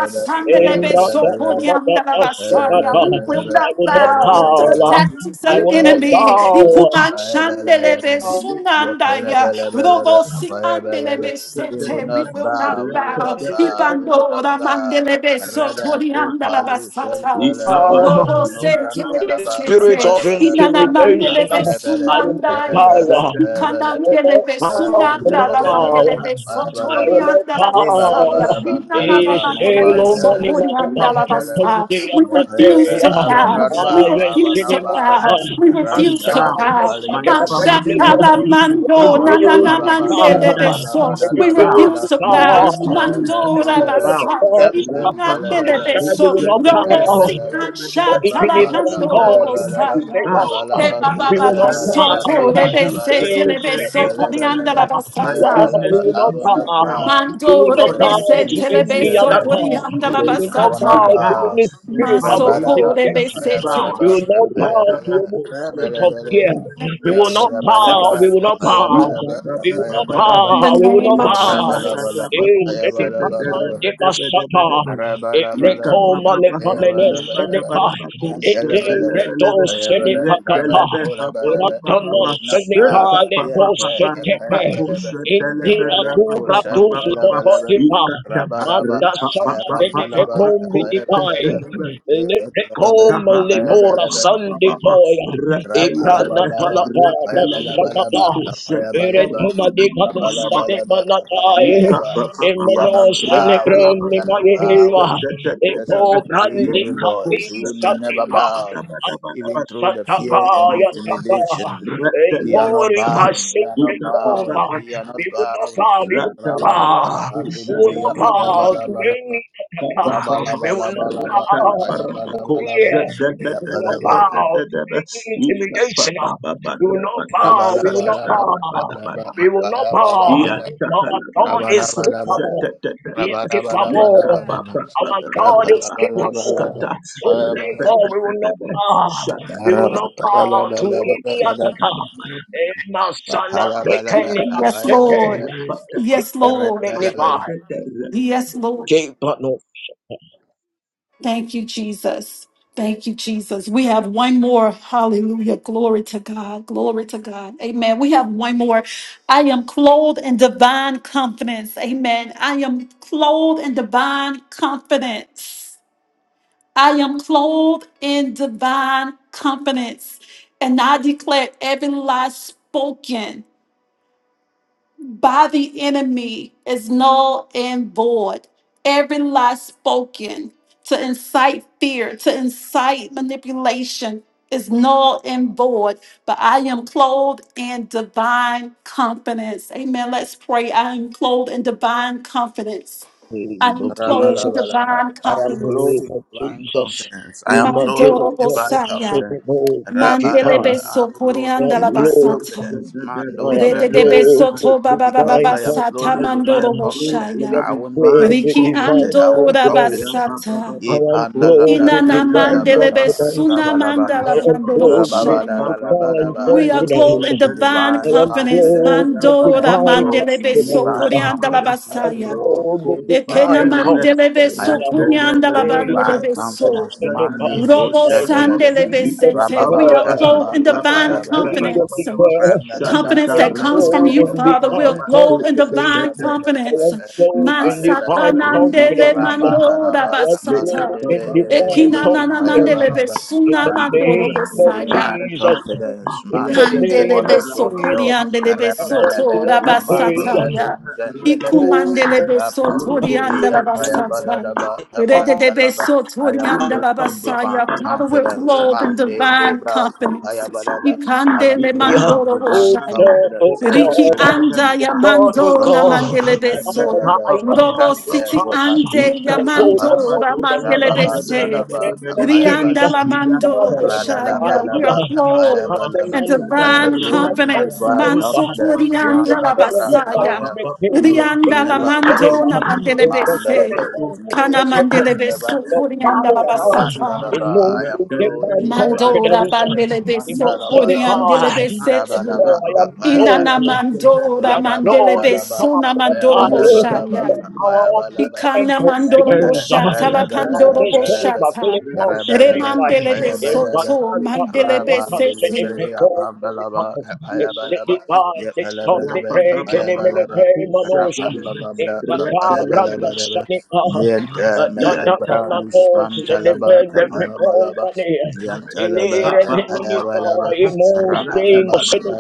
D: in the
B: yapayabalabalaba,
D: Kapatipale I will
C: Thank
A: to
D: not
A: the
B: yapayabalabalaba, yapayabalabalaba,
D: power.
A: tactics of
D: I
A: the
D: will not
A: enemy.
B: yapayabalabalaba,
D: bow
A: Ikuman shandelebe
B: yapayabalabalaba. Yet, we
A: sunandaya. Robosi andelebe
B: will
A: sete. We
B: not
A: will
B: bow,
A: not
B: we will
A: bow.
B: not bow, we will
A: Ibando
B: not bow.
A: ramandelebe
B: Rebem,
A: sotori
B: O pollution,
A: andalabasata. Robo
B: telebelebe, no grand
A: sete
D: to
A: lebe
D: the
B: teleba,
D: spirit
A: sete.
D: of
B: yet,
D: intimidation.
A: Inanamandelebe
D: I
B: telebelebe,
D: will not
A: sunandaya.
D: bow. I
B: telebe,
D: will
A: Ikanandelebe
B: I
D: not bow.
B: will
A: sunanda ramandelebe
D: I
A: sotori
D: will not
A: andalabasaya.
D: bow. Eh,
A: Winanamandelebe
D: shelo mani
A: sokori
D: manaba.
A: Andalabasa.
C: you.
D: Kundi
A: We refuse to
D: atatea.
A: bow.
B: not
A: We
D: Ah,
B: bow, I
D: yes,
B: will
A: refuse
B: not
A: to
D: shini
B: bow.
C: I
A: bow.
D: manaba.
A: We
C: refuse
D: I
C: to
A: refuse
D: said,
A: to
C: bow.
B: Ranta,
D: my
A: bow.
D: message
B: Upali,
C: My
D: and I pray,
B: Bantu,
C: family
D: Nico.
A: Mashakala
B: Santa,
C: refuse to
D: If it
A: mando
C: bow.
A: na na
B: Rabba,
D: feels
C: My
A: na
D: to
B: Baba,
A: mandele
B: Bantala,
C: descendants
D: bow,
B: Bala,
A: beso.
C: refuse
D: if
B: Bada,
C: to
D: it
A: We
B: Dada,
D: feels
C: bow.
A: refuse
B: Bada,
D: to
A: to
C: My
A: bow.
B: Yet,
D: bow.
C: ministry
A: Mando
C: refuse to
D: call on
C: bow.
D: the
A: rabasana
B: Yep,
D: cross. uh,
B: and
C: rabba ba
D: Yes,
A: ikunatele
C: ba
D: sir,
B: Telebele,
C: ko
D: we
A: beso.
D: will
C: sha
B: Yep,
D: not
C: da
A: Robo
D: bow.
A: si
C: rabba
B: Telebele,
C: da ba da
D: For
B: I
C: ba
B: will
D: even
A: anshatala
D: if
C: My
D: our
A: pando
C: children
D: God
A: robo
D: will
C: refuse
D: not
C: to
D: save
A: saya.
C: bow.
D: us, uh,
A: Hey, ba, ba,
D: we
C: ra
A: ba,
D: will
A: ba,
C: da
D: not
C: la
D: bow.
A: so,
C: ba ra
A: to,
C: ba
A: re,
C: ko
A: be, se,
C: sha
A: te,
C: da
D: In
A: le, be,
C: rabba
A: so,
D: shame, uh,
A: to,
C: da
A: ri,
C: ba da ba My
D: Lord,
C: business
D: we will not
C: refuse to
B: not
D: bow.
C: bow.
B: bow
D: We will
A: Mando,
C: My
B: to
A: re,
D: not
B: the
A: be,
D: bow
A: se,
C: finances
D: to
A: te,
B: enemy's
C: refuse to
D: any
B: fear
A: so,
D: other
C: bow.
B: and
D: God.
C: I
D: We will
B: intimidation. I
D: not
B: will
C: refuse to
B: not
D: bow to
C: bow.
B: bow.
D: any
C: My
D: spirit of
C: household
D: intimidation.
C: refuse to bow.
A: Masokorebesete.
D: We will not bow to any spirit of fear.
A: In the name
D: We
A: of
D: will
C: Ratabakoshadadadadadada.
D: not bow. We
A: Jesus.
D: will not bow. We will not
A: In the
D: bow. We will
A: name
D: not
A: of
D: bow.
A: Jesus.
D: Eh, Seneca,
B: Rabba,
D: Seneca, Sata.
B: you
D: Eh, Preco, Malepa, Mene, Seneca. Eh, Ke, Preto, Seneca, Kapa. Ratana,
B: will not
D: Seneca, Leko, Setepe. Indira, Tu, Ratu, Siboko, Tipa. Mata, Sana, Bene, Vekom, Vitipai.
C: Ikata Rata
D: Lekomali pora
B: bow.
D: sandi toya. Ipana
B: Rapalabalaba,
D: kalapa masatapa.
B: apayabalabalaba, kapayabalaba,
D: Iretuma di kabusani
B: rabalabalaba,
D: manatay.
B: kapayabalaba. We are
D: Imano
B: not bowing,
D: sinebrem
B: we
D: ni
B: are not bowing.
D: mayiliwa.
B: Just as
D: Iko
B: the three
D: brandi
B: Hebrew
D: kapi
B: boys who never
D: satika.
B: bowed, even through the
D: Satapa
B: fear and
D: yatapa.
B: intimidation. We
D: Iko
B: are not bowing, we
D: ripasin
B: are not bowing,
D: kikova.
B: we are not
D: We will not
B: bowing.
D: bow, we will not
B: Rabba
D: bow. We will
B: kapandidibriya
D: not bow to
B: payabalabalaba,
D: any
C: Shut
D: attacker. We will not
B: rabalabalabalaba,
D: bow to fear. We will not
B: kapayabalabalaba,
D: bow to any intimidation. We will not bow. We will not bow. We will not bow. Our God is capable. He is capable. Our God is capable. So therefore, we
B: Rabba
D: will not bow. We will not bow to any other God. In the son of the kingdom of
A: Yes, Lord.
D: Satan.
A: Yes, Lord. Yes, Lord.
D: In the
A: Thank you, Jesus. Thank you, Jesus. We have one more. Hallelujah. Glory to God. Glory to God. Amen. We have one more. I am clothed in divine confidence. Amen. I am clothed in divine confidence. I am clothed in divine confidence, and I declare every lie spoken by the enemy is null and void. Every lie spoken to incite fear, to incite manipulation is null and void, but I am clothed in divine confidence. Amen. Let's pray. I am clothed in divine confidence. I
D: name of
A: am clothed in
D: Jesus.
B: Rabalabalaba.
A: divine
B: I
D: the
B: am clothed
D: name
A: confidence.
B: in
D: of
B: divine
D: Jesus.
B: confidence. I am
A: My
B: clothed
D: Immaculate
A: daughter
B: in divine
A: Messiah.
B: confidence.
D: Conception,
C: Father,
B: Rabalaba.
D: Zikipa.
A: Mandelebe
B: I am clothed
D: I
B: in
C: I
A: sokorianda
D: am
A: la
B: divine
D: clothed.
A: basata.
B: confidence.
D: I
B: Mando
D: am
A: Rededebe
B: Shandalaba.
D: clothed with
A: soto baba baba
B: Because
D: divine
B: I am
A: basata
B: clothed in
D: confidence.
A: mandoro
B: divine
C: am full
B: confidence,
D: I
A: boshaya.
C: in
D: am
B: I won't be
D: clothed
C: divine
D: with
A: Riki
B: intimidated.
D: divine
C: confidence.
B: I will be
A: andora
C: Shut
B: confident.
D: confidence.
A: basata.
D: I
B: Ye
D: am
B: panda
D: clothed
B: labra
D: with
A: Inana
D: divine
B: kapalaba
A: mandelebe
B: laba
D: confidence.
A: suna
B: raba laba
D: I
A: mandala
D: am
A: pandoro
D: clothed
B: raba
D: with
B: ba la la
A: boshaya.
D: divine
A: We
B: I
A: are
B: am
A: clothed
B: clothed
A: in
D: confidence.
B: in
A: divine
D: I
B: divine
D: am
A: confidence.
B: confidence.
D: clothed with
B: I
A: Mandora
B: am
D: divine
B: clothed
A: mandelebe
B: in
D: confidence
B: divine
A: sokorianda la
B: confidence. I am
A: basaya.
B: clothed
D: all the
B: in divine
A: Ekena
D: divine
B: confidence.
A: mandelebe
D: confidence.
B: I am clothed
A: sokorianda la
B: in
D: Praise
B: divine
A: bandelebe
D: the
A: so.
B: confidence.
D: Cinema.
B: Mandi ko
A: Robo
D: I
B: shetelebe
A: sandele
D: decree and
A: besete.
B: raba ba
A: We
D: declare,
A: are clothed
B: talaba
A: in
D: I
B: kapaya
A: divine
B: ba laba
D: decree and
A: confidence. The
B: randa
D: declare,
B: laba
A: confidence
D: I am
A: that
B: kapaya
A: comes
B: ba
A: from
D: full
A: you,
B: laba
D: in
A: Father,
B: laba
A: we are
D: divine
B: man
A: clothed in
B: laba
D: confidence.
A: divine
B: raba ba
D: I
A: confidence.
D: am full in
B: kapaya
A: Mansata
D: divine
B: laba
A: nandele
C: Thank
D: confidence.
A: mandora
B: Rabadalaba,
D: I am
A: basata.
D: full in divine
B: kapandelebelebelebe,
A: Ekina nana
D: confidence.
A: mandele
B: kapayabalaba.
D: In
B: I
A: besuna
D: the
B: am
A: mandoro
B: good
D: name
B: in
D: of
A: besaya.
B: divine
D: Jesus,
B: confidence.
D: in the
B: Mandi
D: name
A: Kandelebe
D: of
A: sokori
B: Mogolusonto,
D: Jesus,
A: andelebe
D: as on
B: Rebelebe,
A: soto
D: the other day,
B: Kumbandelebe,
A: rabasataya.
B: Uzendelebe, I
D: full
B: am
A: Ikumandelebe sotori andelabasataya.
D: of
A: Rededebe sotori
B: clothed in
A: andelabasaya.
B: divine
A: Father, we're
B: confidence.
A: clothed in
B: Mande
C: you.
A: divine
B: Lobra Kapaya
A: confidence.
B: Badaba. I am
A: Ikandele
B: clothed
D: Yeah.
B: in
A: mandoro
B: divine
D: Oh
A: roshaya.
D: God, oh
B: confidence. I am
D: God,
A: Riki
D: oh
B: clothed in
A: andaya
B: divine
D: God, oh
A: mandona
D: God.
B: confidence.
A: mandelebe
D: Up on
A: so.
D: high,
B: Mandalada no
A: Robo
D: the
B: brante
A: City
D: trust,
B: kupande
A: Ande
D: the
B: libre
D: glory
B: apa.
D: of
A: Yamando
D: confidence uh, in the
A: Ramandelebese.
D: name
B: Rababandalaba
D: of
B: kapaya
A: Rianda
D: Jesus.
B: balaba.
D: God,
A: Lamando
D: from high, uh,
A: Boshaya. We are
B: Radalabalaba
D: the
B: kapaya
A: flowed
D: constant
B: balaba.
A: and
B: I am
A: divine
D: manifestation of
B: clothed in
A: confidence.
B: divine
D: confidence
A: Manso
B: confidence.
D: uh, in the
A: Korianda
D: spirit
B: Mandalabra
D: of God,
A: Labasaya.
B: kapaya.
D: making the
B: Fear will
A: Rianda
D: King of
B: never
D: Senate,
A: Lamando
B: overtake me.
D: in the
A: Namandelebese.
B: Mandalaba,
D: Senate of
C: Ikka
A: Kana
D: the
B: intimidation
D: Senate.
B: will never
A: Mandelebeso
D: The
B: move
A: Korianda
B: me.
D: power
C: Thank
A: Labasata.
D: is
B: Mandalaba,
D: moved
B: I
D: to
B: am clothed
D: divine
B: in divine
A: Mando
D: confidence
B: confidence.
D: in the
A: Rabandelebeso
B: Mandalaba, laba,
D: Seneca.
B: raba,
A: Koriandelebese.
B: laba,
D: Therefore, I am
B: kapaya, ba,
D: clothed
A: Inana
B: laba,
A: Mandora
D: the
B: raba, dalaba, da,
D: Lord will
B: laba,
D: come
A: Mandelebeso
D: up to the
B: kapaya, ba,
A: Namandoro
B: laba,
D: fire.
B: laba,
A: Boshaya.
D: The power
B: kapaya, ba,
D: of the
B: laba,
D: mind
A: Ikana mandoro
B: yenta,
D: confidence.
A: boshata la
B: raba, ba, ba,
D: On
A: pandoro
D: this
B: raba,
D: day,
B: laba,
D: my
A: boshata.
D: Philip now
B: raba,
D: sending
B: laba,
D: by
A: Remandele be
B: kapaya, ba,
D: in my
B: laba.
A: soto,
D: hand, my hand, but
A: mandele be
D: not my hand,
B: Rapandele
C: you.
D: sending
A: seti.
D: me
B: Berea
D: gold to the top.
B: Pandalaba
C: In
D: It's
C: the
B: Payabalaba
D: sitting by this on the
B: Yapalabalaba
D: break, and in the
B: Payabalaba
D: pay, Manosha. If
B: Rapandalabra
D: the car brand was
B: Payabalabalaba
D: sending by, uh,
B: Yenta
D: that, that, that,
B: Melbra
D: that, that,
B: Lusman
D: sending
B: Talaba
D: me the gold
B: Payabalaba
D: money. In the
B: Yantalaba
D: air and in here and the
B: Payabalaba
D: fire, in most name
B: Rapalaba
D: of sending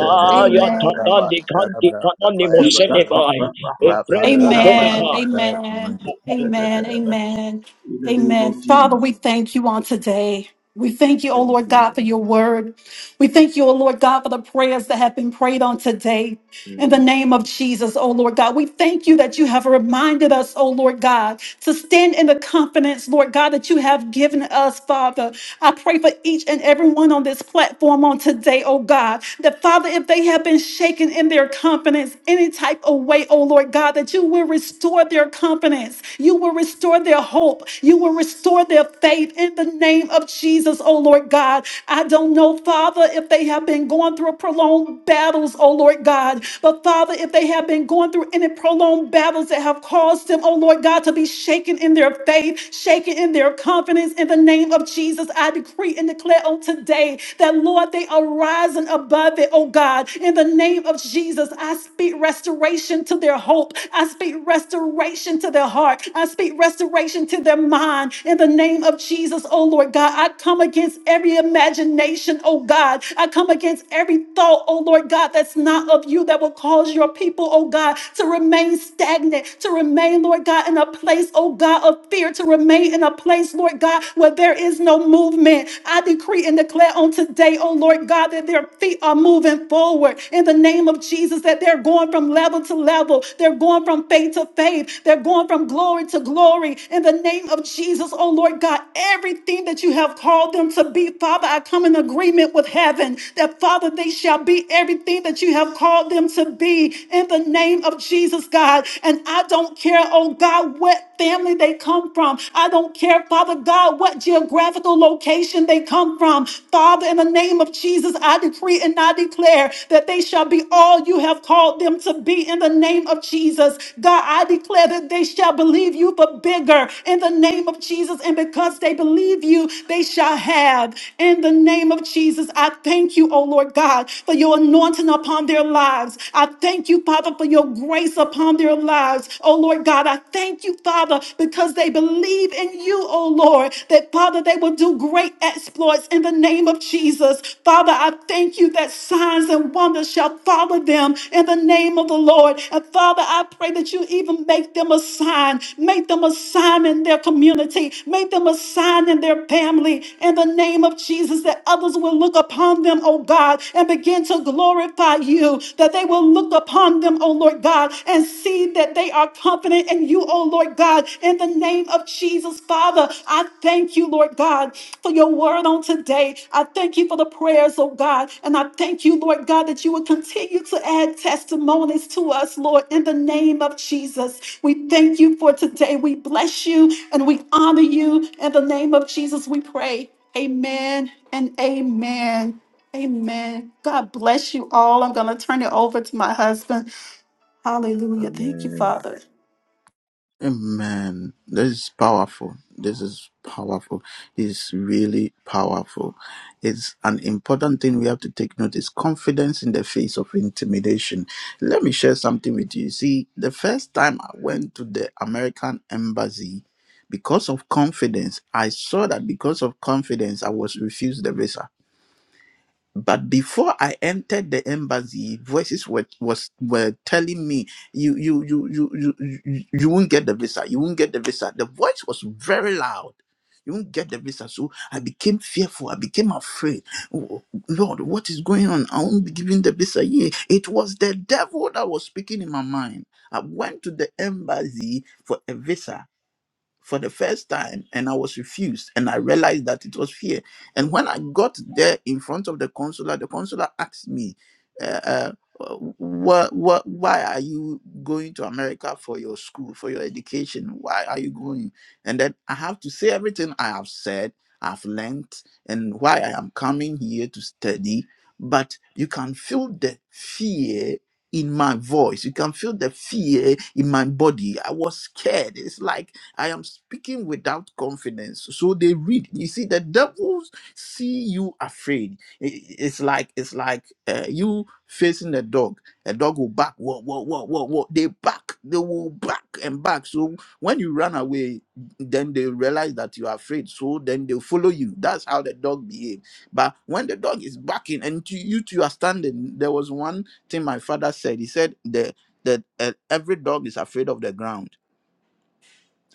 D: Ah, ya
A: Amen.
D: tatandi kanti
B: Rapandalabra
D: kanani
B: Payabalaba
D: mosenevai. E prendo
B: Rapandalaba
A: Amen.
D: koliva.
A: Amen. Amen. Amen.
C: name
A: Amen.
C: of
A: Father, we
C: Jesus.
A: thank you on today. We thank you, O
C: Thank
A: Lord
C: you.
A: God, for your word. We thank you, O Lord God, for the prayers that have been prayed on today. In the name of Jesus, oh Lord God, we thank you that you have reminded us, oh Lord God, to stand in the confidence, Lord God, that you have given us, Father. I pray for each and every one on this platform on today, oh God, that Father, if they have been shaken in their confidence any type of way, oh Lord God, that you will restore their confidence, you will restore their hope, you will restore their faith in the name of Jesus, oh oh Lord God. I don't know, Father, if they have been going through prolonged battles, oh Lord God. But Father, if they have been going through any prolonged battles that have caused them, oh Lord God, to be shaken in their faith, shaken in their confidence, in the name of Jesus, I decree and declare on today that, Lord, they are rising above it, oh God. In the name of Jesus, I speak restoration to their hope. I speak restoration restoration to their heart. I speak restoration to their mind in the name of Jesus, oh Lord God. I come against every imagination, oh God. I come against every thought, oh Lord God, that's not of you that will cause your people, oh God, to remain stagnant, to remain, Lord God, in a place, oh God, of fear, to remain in a place, Lord God, where there is no movement. I decree and declare on today, oh Lord God, that their feet are moving forward in name of Jesus that they're going from level to level. They're going from faith to faith. They're going from glory to glory. In the name of Jesus, oh Lord God, everything that you have called them to be, Father, I come in agreement with heaven that, Father, they shall be everything that you have called them to be in the name of Jesus, God. And I don't care, oh God, what family they come from. I don't care, Father God, what geographical location they come come from. Father, in the name of Jesus, I decree and I declare that they shall be all you have called them to be in the name of Jesus. God, I declare that they shall believe you for bigger in the name of Jesus. And because they believe you, they shall have. In the name of Jesus, I thank you, O Lord God, for your anointing upon their lives. I thank you, Father, for your grace upon their lives. O Lord God, I thank you, Father, because because they believe in you, oh Lord, that Father, they will do great exploits in the name of Jesus. Father, I thank you that signs and wonders shall follow them in the name of the Lord. And Father, I pray that you even make them a sign, make them a sign in their community, make them a sign in their family in the name of Jesus, that others will look upon them, oh God, and begin to glorify you, that they will look upon them them, oh Lord God, and see that they are confident in you, oh Lord God, in the name of Jesus, Father. I thank you, Lord God, for your word on today. I thank you for the prayers, oh God, and I thank you, Lord God, that you would continue to add testimonies to us, Lord, in the name of Jesus. We thank you for today. We bless you and we honor you. In the name of Jesus, we pray. Amen and amen. Amen. God bless you all. I'm going to turn it over to my husband. Hallelujah. Thank you,
C: Amen.
A: Father.
B: Amen. This is powerful. This is powerful. It's really powerful. It's an important thing we have to take note is confidence in the face of intimidation. Let me share something with you. See, the first time I went to the American embassy, because of confidence, I saw that because of confidence, I was refused the visa. But before I entered the embassy, voices were was were telling me you you you you you you, you you won't get the visa. You won't get the visa. The voice was very loud. You won't get the visa. So I became fearful. I became afraid. Oh, Lord, what is going on? I won't be given the visa. Yeah, it was the devil that was speaking in my mind. I went to the embassy for a visa for the first time and I was refused. And I realized that it was fear. And when I got there in front of the consular, the consular asked me, uh, uh, what, what, why are you going to America for your school, for your education? Why are you going? And then I have to say everything I have said, I've learned, and why I am coming here to study. But you can feel the fear in my voice. You can feel the fear in my body. I was scared. It's like, I am speaking without confidence. So they read. You see, the devils see you afraid. I- It's like it's like uh, you facing a dog. A dog will back. Whoa, whoa, whoa, whoa, whoa. They back. They will back and back. So when you run away, then they realize that you are afraid. So then they follow you. That's how the dog behaves. But when the dog is backing and to you two are standing, there was one thing my father said. He said the that uh, every dog is afraid of the ground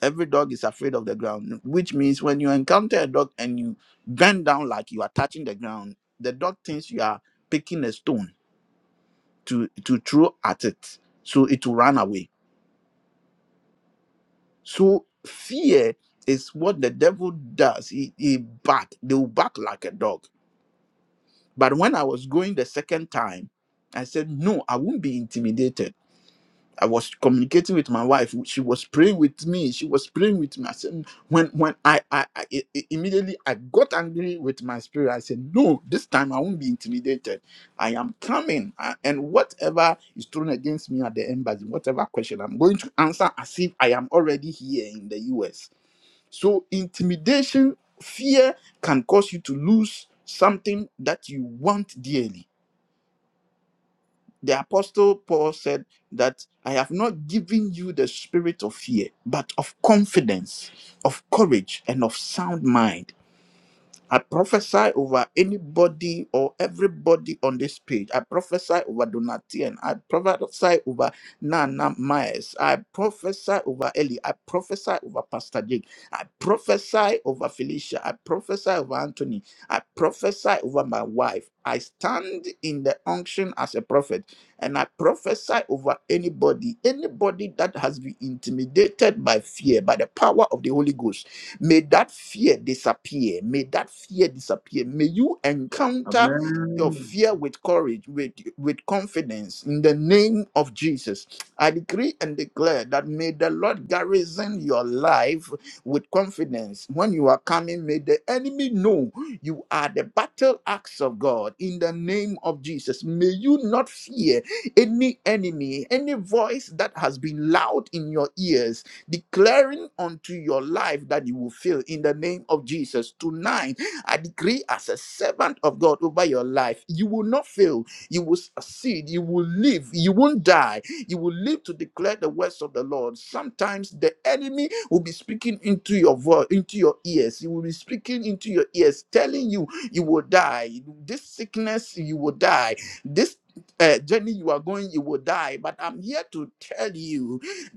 B: Every dog is afraid of the ground, which means when you encounter a dog and you bend down like you are touching the ground, the dog thinks you are picking a stone to, to throw at it. So it will run away. So fear is what the devil does. He, he bark, they will bark like a dog. But when I was going the second time, I said, No, I won't be intimidated I was communicating with my wife. She was praying with me. She was praying with me. I said, when when I, I, I i- i- immediately I got angry with my spirit. I said, no, this time I won't be intimidated. I am coming, I- and whatever is thrown against me at the embassy, whatever question I'm going to answer as if I am already here in the U.S. So intimidation, fear can cause you to lose something that you want dearly the apostle Paul said that I have not given you the spirit of fear, but of confidence, of courage, and of sound mind. I prophesy over anybody or everybody on this page. I prophesy over Donatien. I prophesy over Nana Myers. I prophesy over Ellie. I prophesy over Pastor Jake. I prophesy over Felicia. I prophesy over Anthony. I prophesy over my wife. I stand in the unction as a prophet and I prophesy over anybody, anybody that has been intimidated by fear, by the power of the Holy Ghost. May that fear disappear. May that fear disappear. May you encounter your
C: Amen.
B: fear with courage, with, with confidence in the name of Jesus. I decree and declare that may the Lord garrison your life with confidence. When you are coming, may the enemy know you are the battle axe of God in the name of Jesus. May you not fear any enemy, any voice that has been loud in your ears declaring unto your life that you will fail in the name of Jesus. Tonight, I decree as a servant of God over your life, you will not fail, you will succeed, you will live, you won't die, you will live to declare the words of the Lord. Sometimes the enemy will be speaking into your voice, into your ears, he will be speaking into your ears, telling you you will die. This sickness, you will die. This uh, journey you are going, you will die. But I'm here to tell you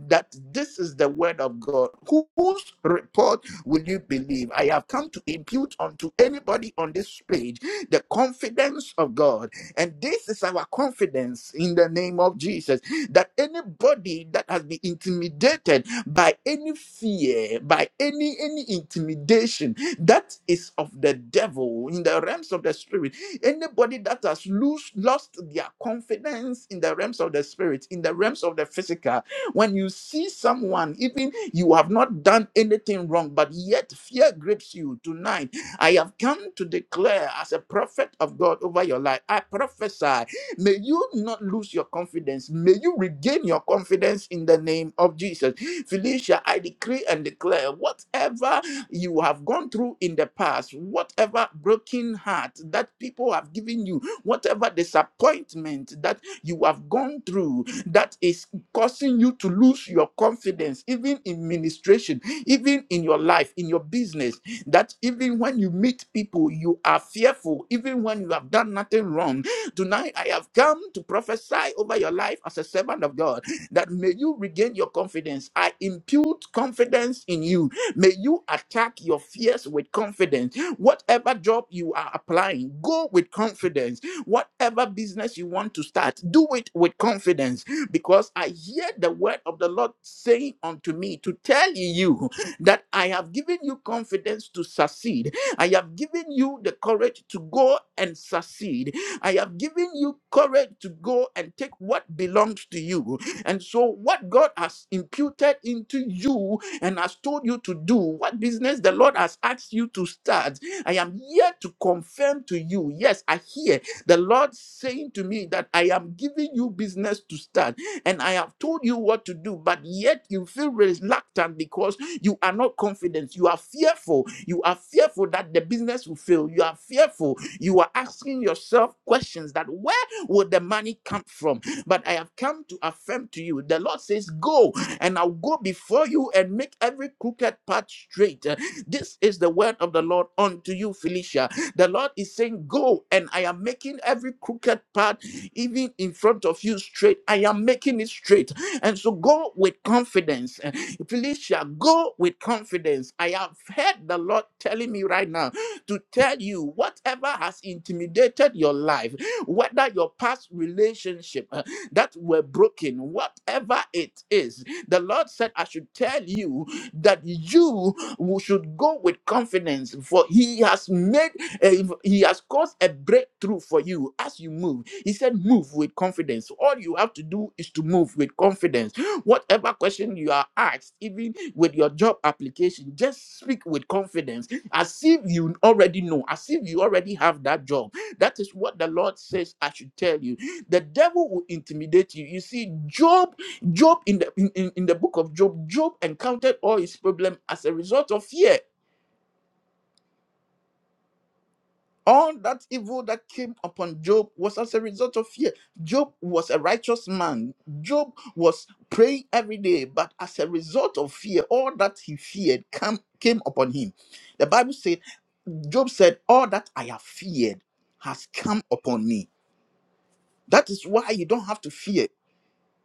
B: that this is the word of God. Whose report will you believe? I have come to impute unto anybody on this page the confidence of God. And this is our confidence in the name of Jesus that anybody that has been intimidated by any fear, by any any intimidation that is of the devil in the realms of the spirit, anybody that has lose, lost their confidence in the realms of the spirit, in the realms of the physical, when you see someone, even you have not done anything wrong, but yet fear grips you tonight. I have come to declare as a prophet of God over your life. I prophesy, may you not lose your confidence. May you regain your confidence in the name of Jesus. Felicia, I decree and declare whatever you have gone through in the past, whatever broken heart that people have given you, whatever disappointment that you have gone through, that is causing you to lose your confidence, even in ministration, even in your life, in your business. That even when you meet people, you are fearful, even when you have done nothing wrong. Tonight, I have come to prophesy over your life as a servant of God that may you regain your confidence. I impute confidence in you. May you attack your fears with confidence. Whatever job you are applying, go with confidence. Whatever business you want to start, do it with confidence because I hear the word of the Lord saying unto me to tell you that I have given you confidence to succeed. I have given you the courage to go and succeed. I have given you courage to go and take what belongs to you. And so, what God has imputed into you and has told you to do, what business the Lord has asked you to start, I am here to confirm to you. Yes, I hear the Lord saying to me that I am giving you business to start and I have told you what to do, but yet you feel reluctant because you are not confident. You are fearful. You are fearful that the business will fail. You are fearful. You are asking yourself questions that where would the money come from? But I have come to affirm to you the Lord says, Go, and I'll go before you and make every crooked path straight. Uh, This is the word of the Lord unto you, Felicia. The Lord is saying, Go, and I am making every crooked path even in front of you straight. I am making it straight. And so go with confidence. Eh, Felicia, go with confidence. I have heard the Lord telling me right now to tell you whatever has intimidated your life, whether your past relationship eh, that were broken, whatever it is, the Lord said, I should tell you that you should go with confidence, for He has made Eh, He has caused a breakthrough for you as you move. He said, Move with confidence. All you have to do is to move with confidence. Whatever question you are asked, even with your job application, just speak with confidence as if you already know, as if you already have that job. That is what the Lord says I should tell you. The devil will intimidate you. You see, Job, Job in the in, in in the book of Job, Job encountered all his problem as a result of fear. All that evil that came upon Job was as a result of fear. Job was a righteous man. Job was praying every day, but as a result of fear, all that he feared came, came upon him. The Bible said, Job said, All that I have feared has come upon me. That is why you don't have to fear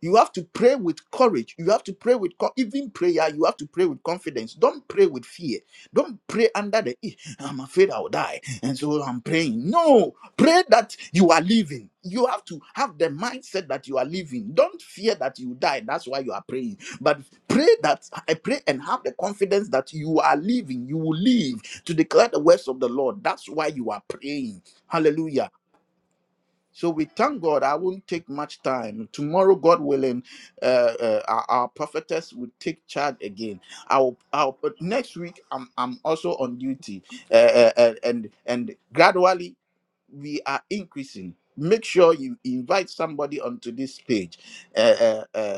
B: you have to pray with courage. You have to pray with co- even prayer. You have to pray with confidence. Don't pray with fear. Don't pray under the "Eh, I'm afraid I'll die, and so I'm praying. No, pray that you are living. You have to have the mindset that you are living. Don't fear that you die. That's why you are praying. But pray that I pray and have the confidence that you are living. You will live to declare the words of the Lord. That's why you are praying. Hallelujah. So we thank God. I won't take much time. Tomorrow, God willing, uh, uh, our, our prophetess will take charge again. I'll, I'll, but next week, I'm, I'm also on duty, uh, uh, uh, and and gradually we are increasing. Make sure you invite somebody onto this page. Uh, uh, uh,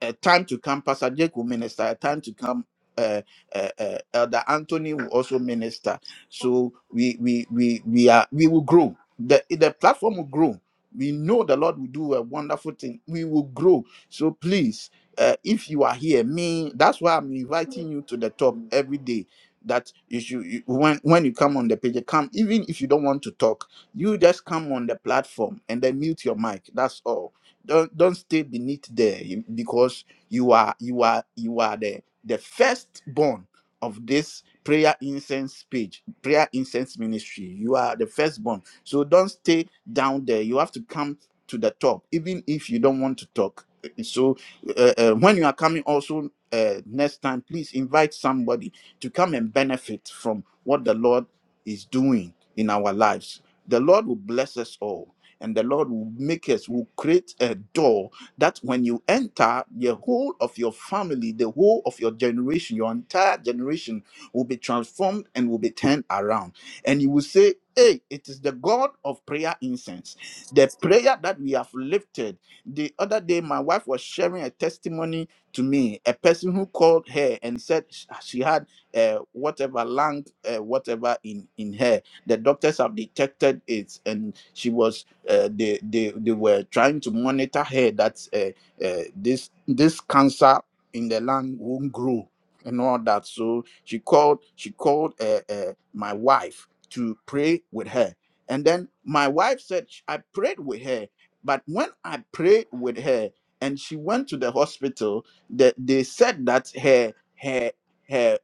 B: a time to come, Pastor Jake will minister. A time to come, uh, uh, uh, Elder Anthony will also minister. So we we we we are we will grow. The the platform will grow. We know the Lord will do a wonderful thing. We will grow. So please, uh, if you are here, me, that's why I'm inviting you to the top every day. That you should you, when when you come on the page, come even if you don't want to talk, you just come on the platform and then mute your mic. That's all don't don't stay beneath there you- because you are you are you are the the firstborn of this prayer incense page prayer incense ministry you are the firstborn so don't stay down there you have to come to the top even if you don't want to talk so uh, uh, when you are coming also uh, next time please invite somebody to come and benefit from what the lord is doing in our lives the lord will bless us all and the Lord will make us, will create a door that when you enter, the whole of your family, the whole of your generation, your entire generation will be transformed and will be turned around. And you will say, Hey, it is the God of prayer incense. The prayer that we have lifted. The other day, my wife was sharing a testimony to me, a person who called her and said sh- she had uh, whatever lung, uh, whatever in, in her. The doctors have detected it, and she was uh, they they they were trying to monitor her that uh, uh, this this cancer in the land won't grow and all that. So she called she called uh, uh, my wife to pray with her, and then my wife said sh- I prayed with her, but when I prayed with her and she went to the hospital, that they said that her her her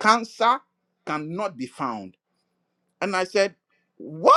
B: cancer cannot be found, and I said what?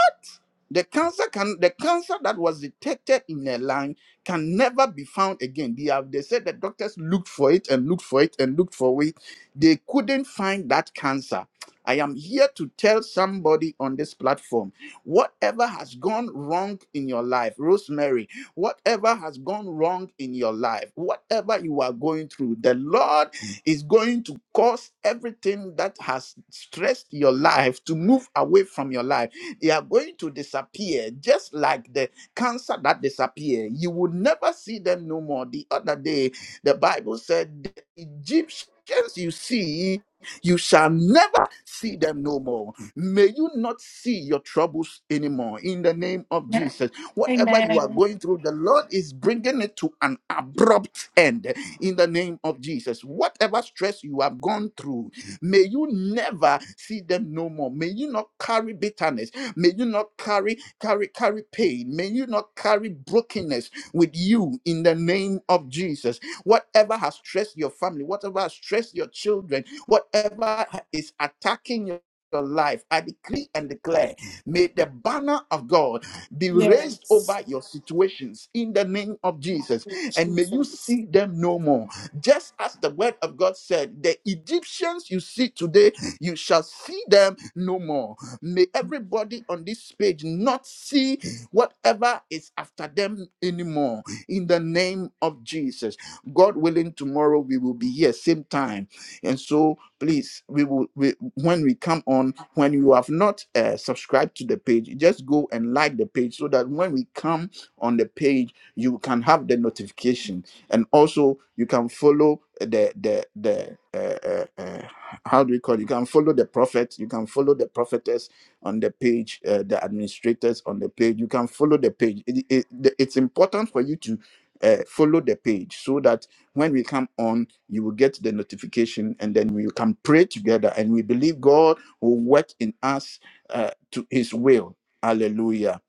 B: The cancer can the cancer that was detected in a lung can never be found again. They have they said the doctors looked for it and looked for it and looked for it. They couldn't find that cancer. I am here to tell somebody on this platform whatever has gone wrong in your life, Rosemary, whatever has gone wrong in your life, whatever you are going through, the Lord is going to cause everything that has stressed your life to move away from your life they are going to disappear just like the cancer that disappear. You will never see them no more. The other day, the Bible said, the Egyptians you see, you shall never see them no more. May you not see your troubles anymore in the name of
A: Amen.
B: Jesus. Whatever you are
A: Amen.
B: going through, the Lord is bringing it to an abrupt end in the name of Jesus. Whatever stress you have gone through, may you never see them no more. May you not carry bitterness. May you not carry, carry, carry pain. May you not carry brokenness with you in the name of Jesus. Whatever has stressed your family, whatever has stressed your children, whatever is attacking your your life, I decree and declare, may the banner of God be raised over
A: Yes.
B: your situations in the name of Jesus, and may you
A: Jesus.
B: see them no more. Just as the word of God said, the Egyptians you see today, you shall see them no more. May everybody on this page not see whatever is after them anymore. In the name of Jesus. God willing, tomorrow we will be here, same time. And so, please, we will, we, when we come on, when you have not uh, subscribed to the page, just go and like the page so that when we come on the page, you can have the notification. And also, you can follow the, the, the, uh, uh, uh, how do we call it? You can follow the prophet, you can follow the prophetess on the page, uh, the administrators on the page. You can follow the page. It- it- the- it's important for you to uh, follow the page so that when we come on, you will get the notification and then we can pray together. And we believe God will work in us uh, to his will. Hallelujah.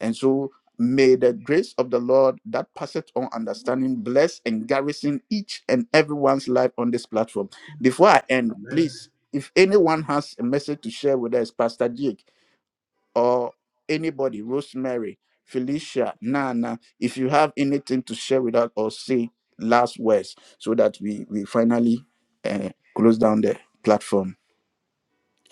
B: And so may the grace of the Lord that passeth all understanding bless and garrison each and everyone's life on this platform. Before I end,
C: Amen.
B: please, if anyone has a message to share with us, Pastor Jake or anybody, Rosemary, Felicia, Nana, if you have anything to share with us or say last words so that we, we finally uh, close down the platform.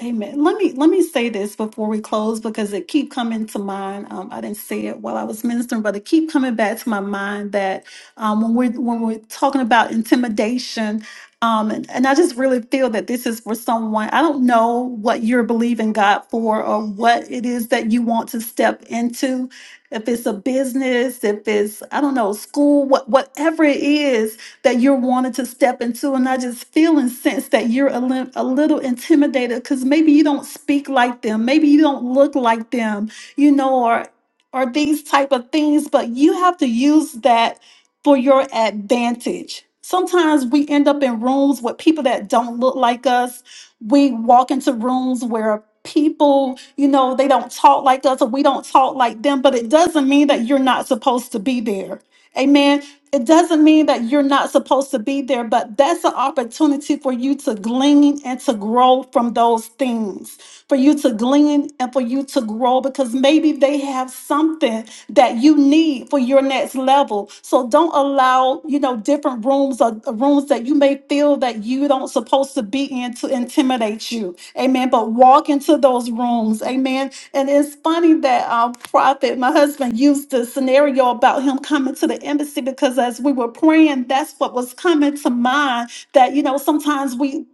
A: Amen. Let me let me say this before we close because it keep coming to mind. Um, I didn't say it while I was ministering, but it keep coming back to my mind that um, when we're when we're talking about intimidation, um, and, and I just really feel that this is for someone. I don't know what you're believing God for or what it is that you want to step into. If it's a business, if it's I don't know school, what whatever it is that you're wanting to step into. And I just feel and sense that you're a, lit- a little intimidated because maybe you don't speak like them, maybe you don't look like them, you know, or or these type of things, but you have to use that for your advantage. Sometimes we end up in rooms with people that don't look like us. We walk into rooms where people, you know, they don't talk like us or we don't talk like them, but it doesn't mean that you're not supposed to be there. Amen. It doesn't mean that you're not supposed to be there, but that's an opportunity for you to glean and to grow from those things, for you to glean and for you to grow because maybe they have something that you need for your next level. So don't allow, you know, different rooms or or rooms that you may feel that you don't supposed to be in to intimidate you. Amen. But walk into those rooms. Amen and it's funny that our prophet, my husband, used the scenario about him coming to the embassy because as we were praying, that's what was coming to mind. That you know, sometimes we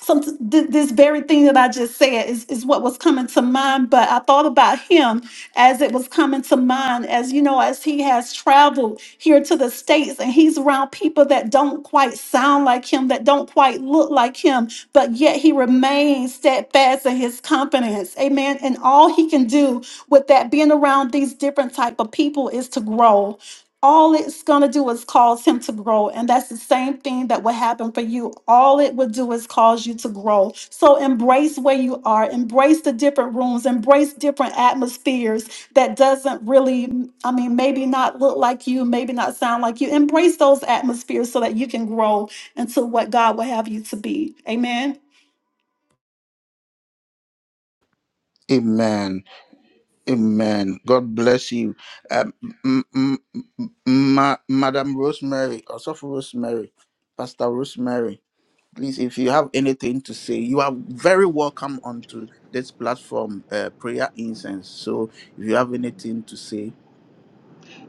A: some th- this very thing that I just said is, is what was coming to mind. But I thought about him as it was coming to mind, as you know, as he has traveled here to the States and he's around people that don't quite sound like him, that don't quite look like him, but yet he remains steadfast in his confidence. Amen. And all he can do with that being around these different type of people is to grow all it's going to do is cause him to grow. And that's the same thing that will happen for you. All it would do is cause you to grow. So embrace where you are, embrace the different rooms, embrace different atmospheres that doesn't really, I mean, maybe not look like you, maybe not sound like you. Embrace those atmospheres so that you can grow into what God will have you to be. Amen.
B: Amen. Amen. God bless you. Um, m- m- m- ma- Madam Rosemary, also Rosemary, Pastor Rosemary, please, if you have anything to say, you are very welcome onto this platform, uh, Prayer Incense. So if you have anything to say,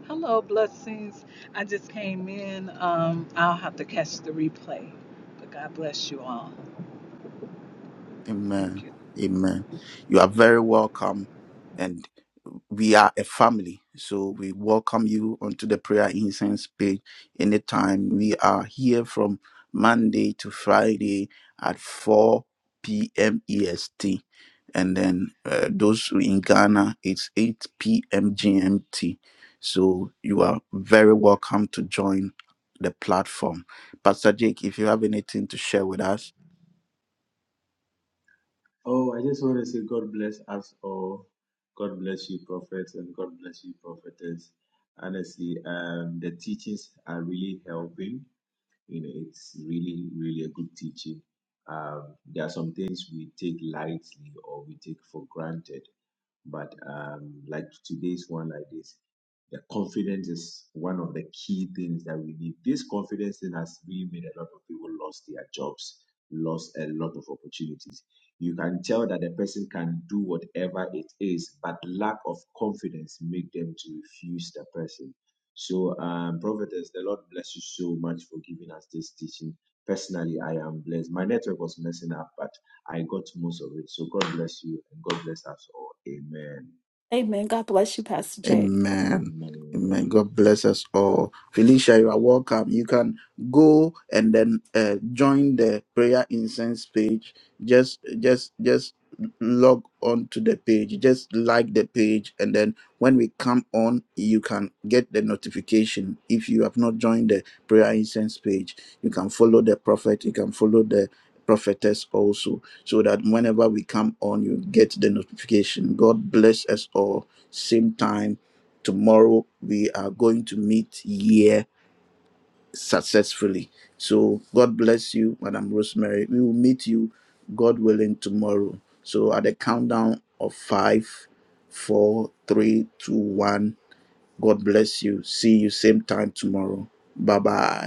E: Hello, blessings. I just came in. Um, I'll have to catch the replay. But God bless you all. Thank
B: Amen.
E: you.
B: Amen. You are very welcome. And we are a family. So we welcome you onto the prayer incense page anytime. We are here from Monday to Friday at 4 p.m. EST. And then uh, those who in Ghana, it's 8 p.m. GMT. So you are very welcome to join the platform. Pastor Jake, if you have anything to share with us.
C: Oh, I just want to say God bless us all. God bless you, prophets, and God bless you, prophetess. Honestly, um, the teachings are really helping. You know, it's really, really a good teaching. Um, there are some things we take lightly or we take for granted, but um, like today's one, like this. The confidence is one of the key things that we need. This confidence thing has really made a lot of people lost their jobs, lost a lot of opportunities. You can tell that the person can do whatever it is, but lack of confidence make them to refuse the person. So, um, prophetess, the Lord bless you so much for giving us this teaching. Personally, I am blessed. My network was messing up, but I got most of it. So God bless you and God bless us all. Amen.
A: Amen. God bless you, Pastor Jake.
B: Amen. Amen.
C: Amen.
B: God bless us all. Felicia, you are welcome. You can go and then uh, join the prayer incense page. Just, just, just log on to the page. Just like the page, and then when we come on, you can get the notification. If you have not joined the prayer incense page, you can follow the prophet. You can follow the prophetess also so that whenever we come on you get the notification god bless us all same time tomorrow, we are going to meet here successfully. So God bless you, Madam Rosemary. We will meet you, God willing, tomorrow. So at the countdown of five, four, three, two, one. God bless you. See you same time tomorrow. Bye bye.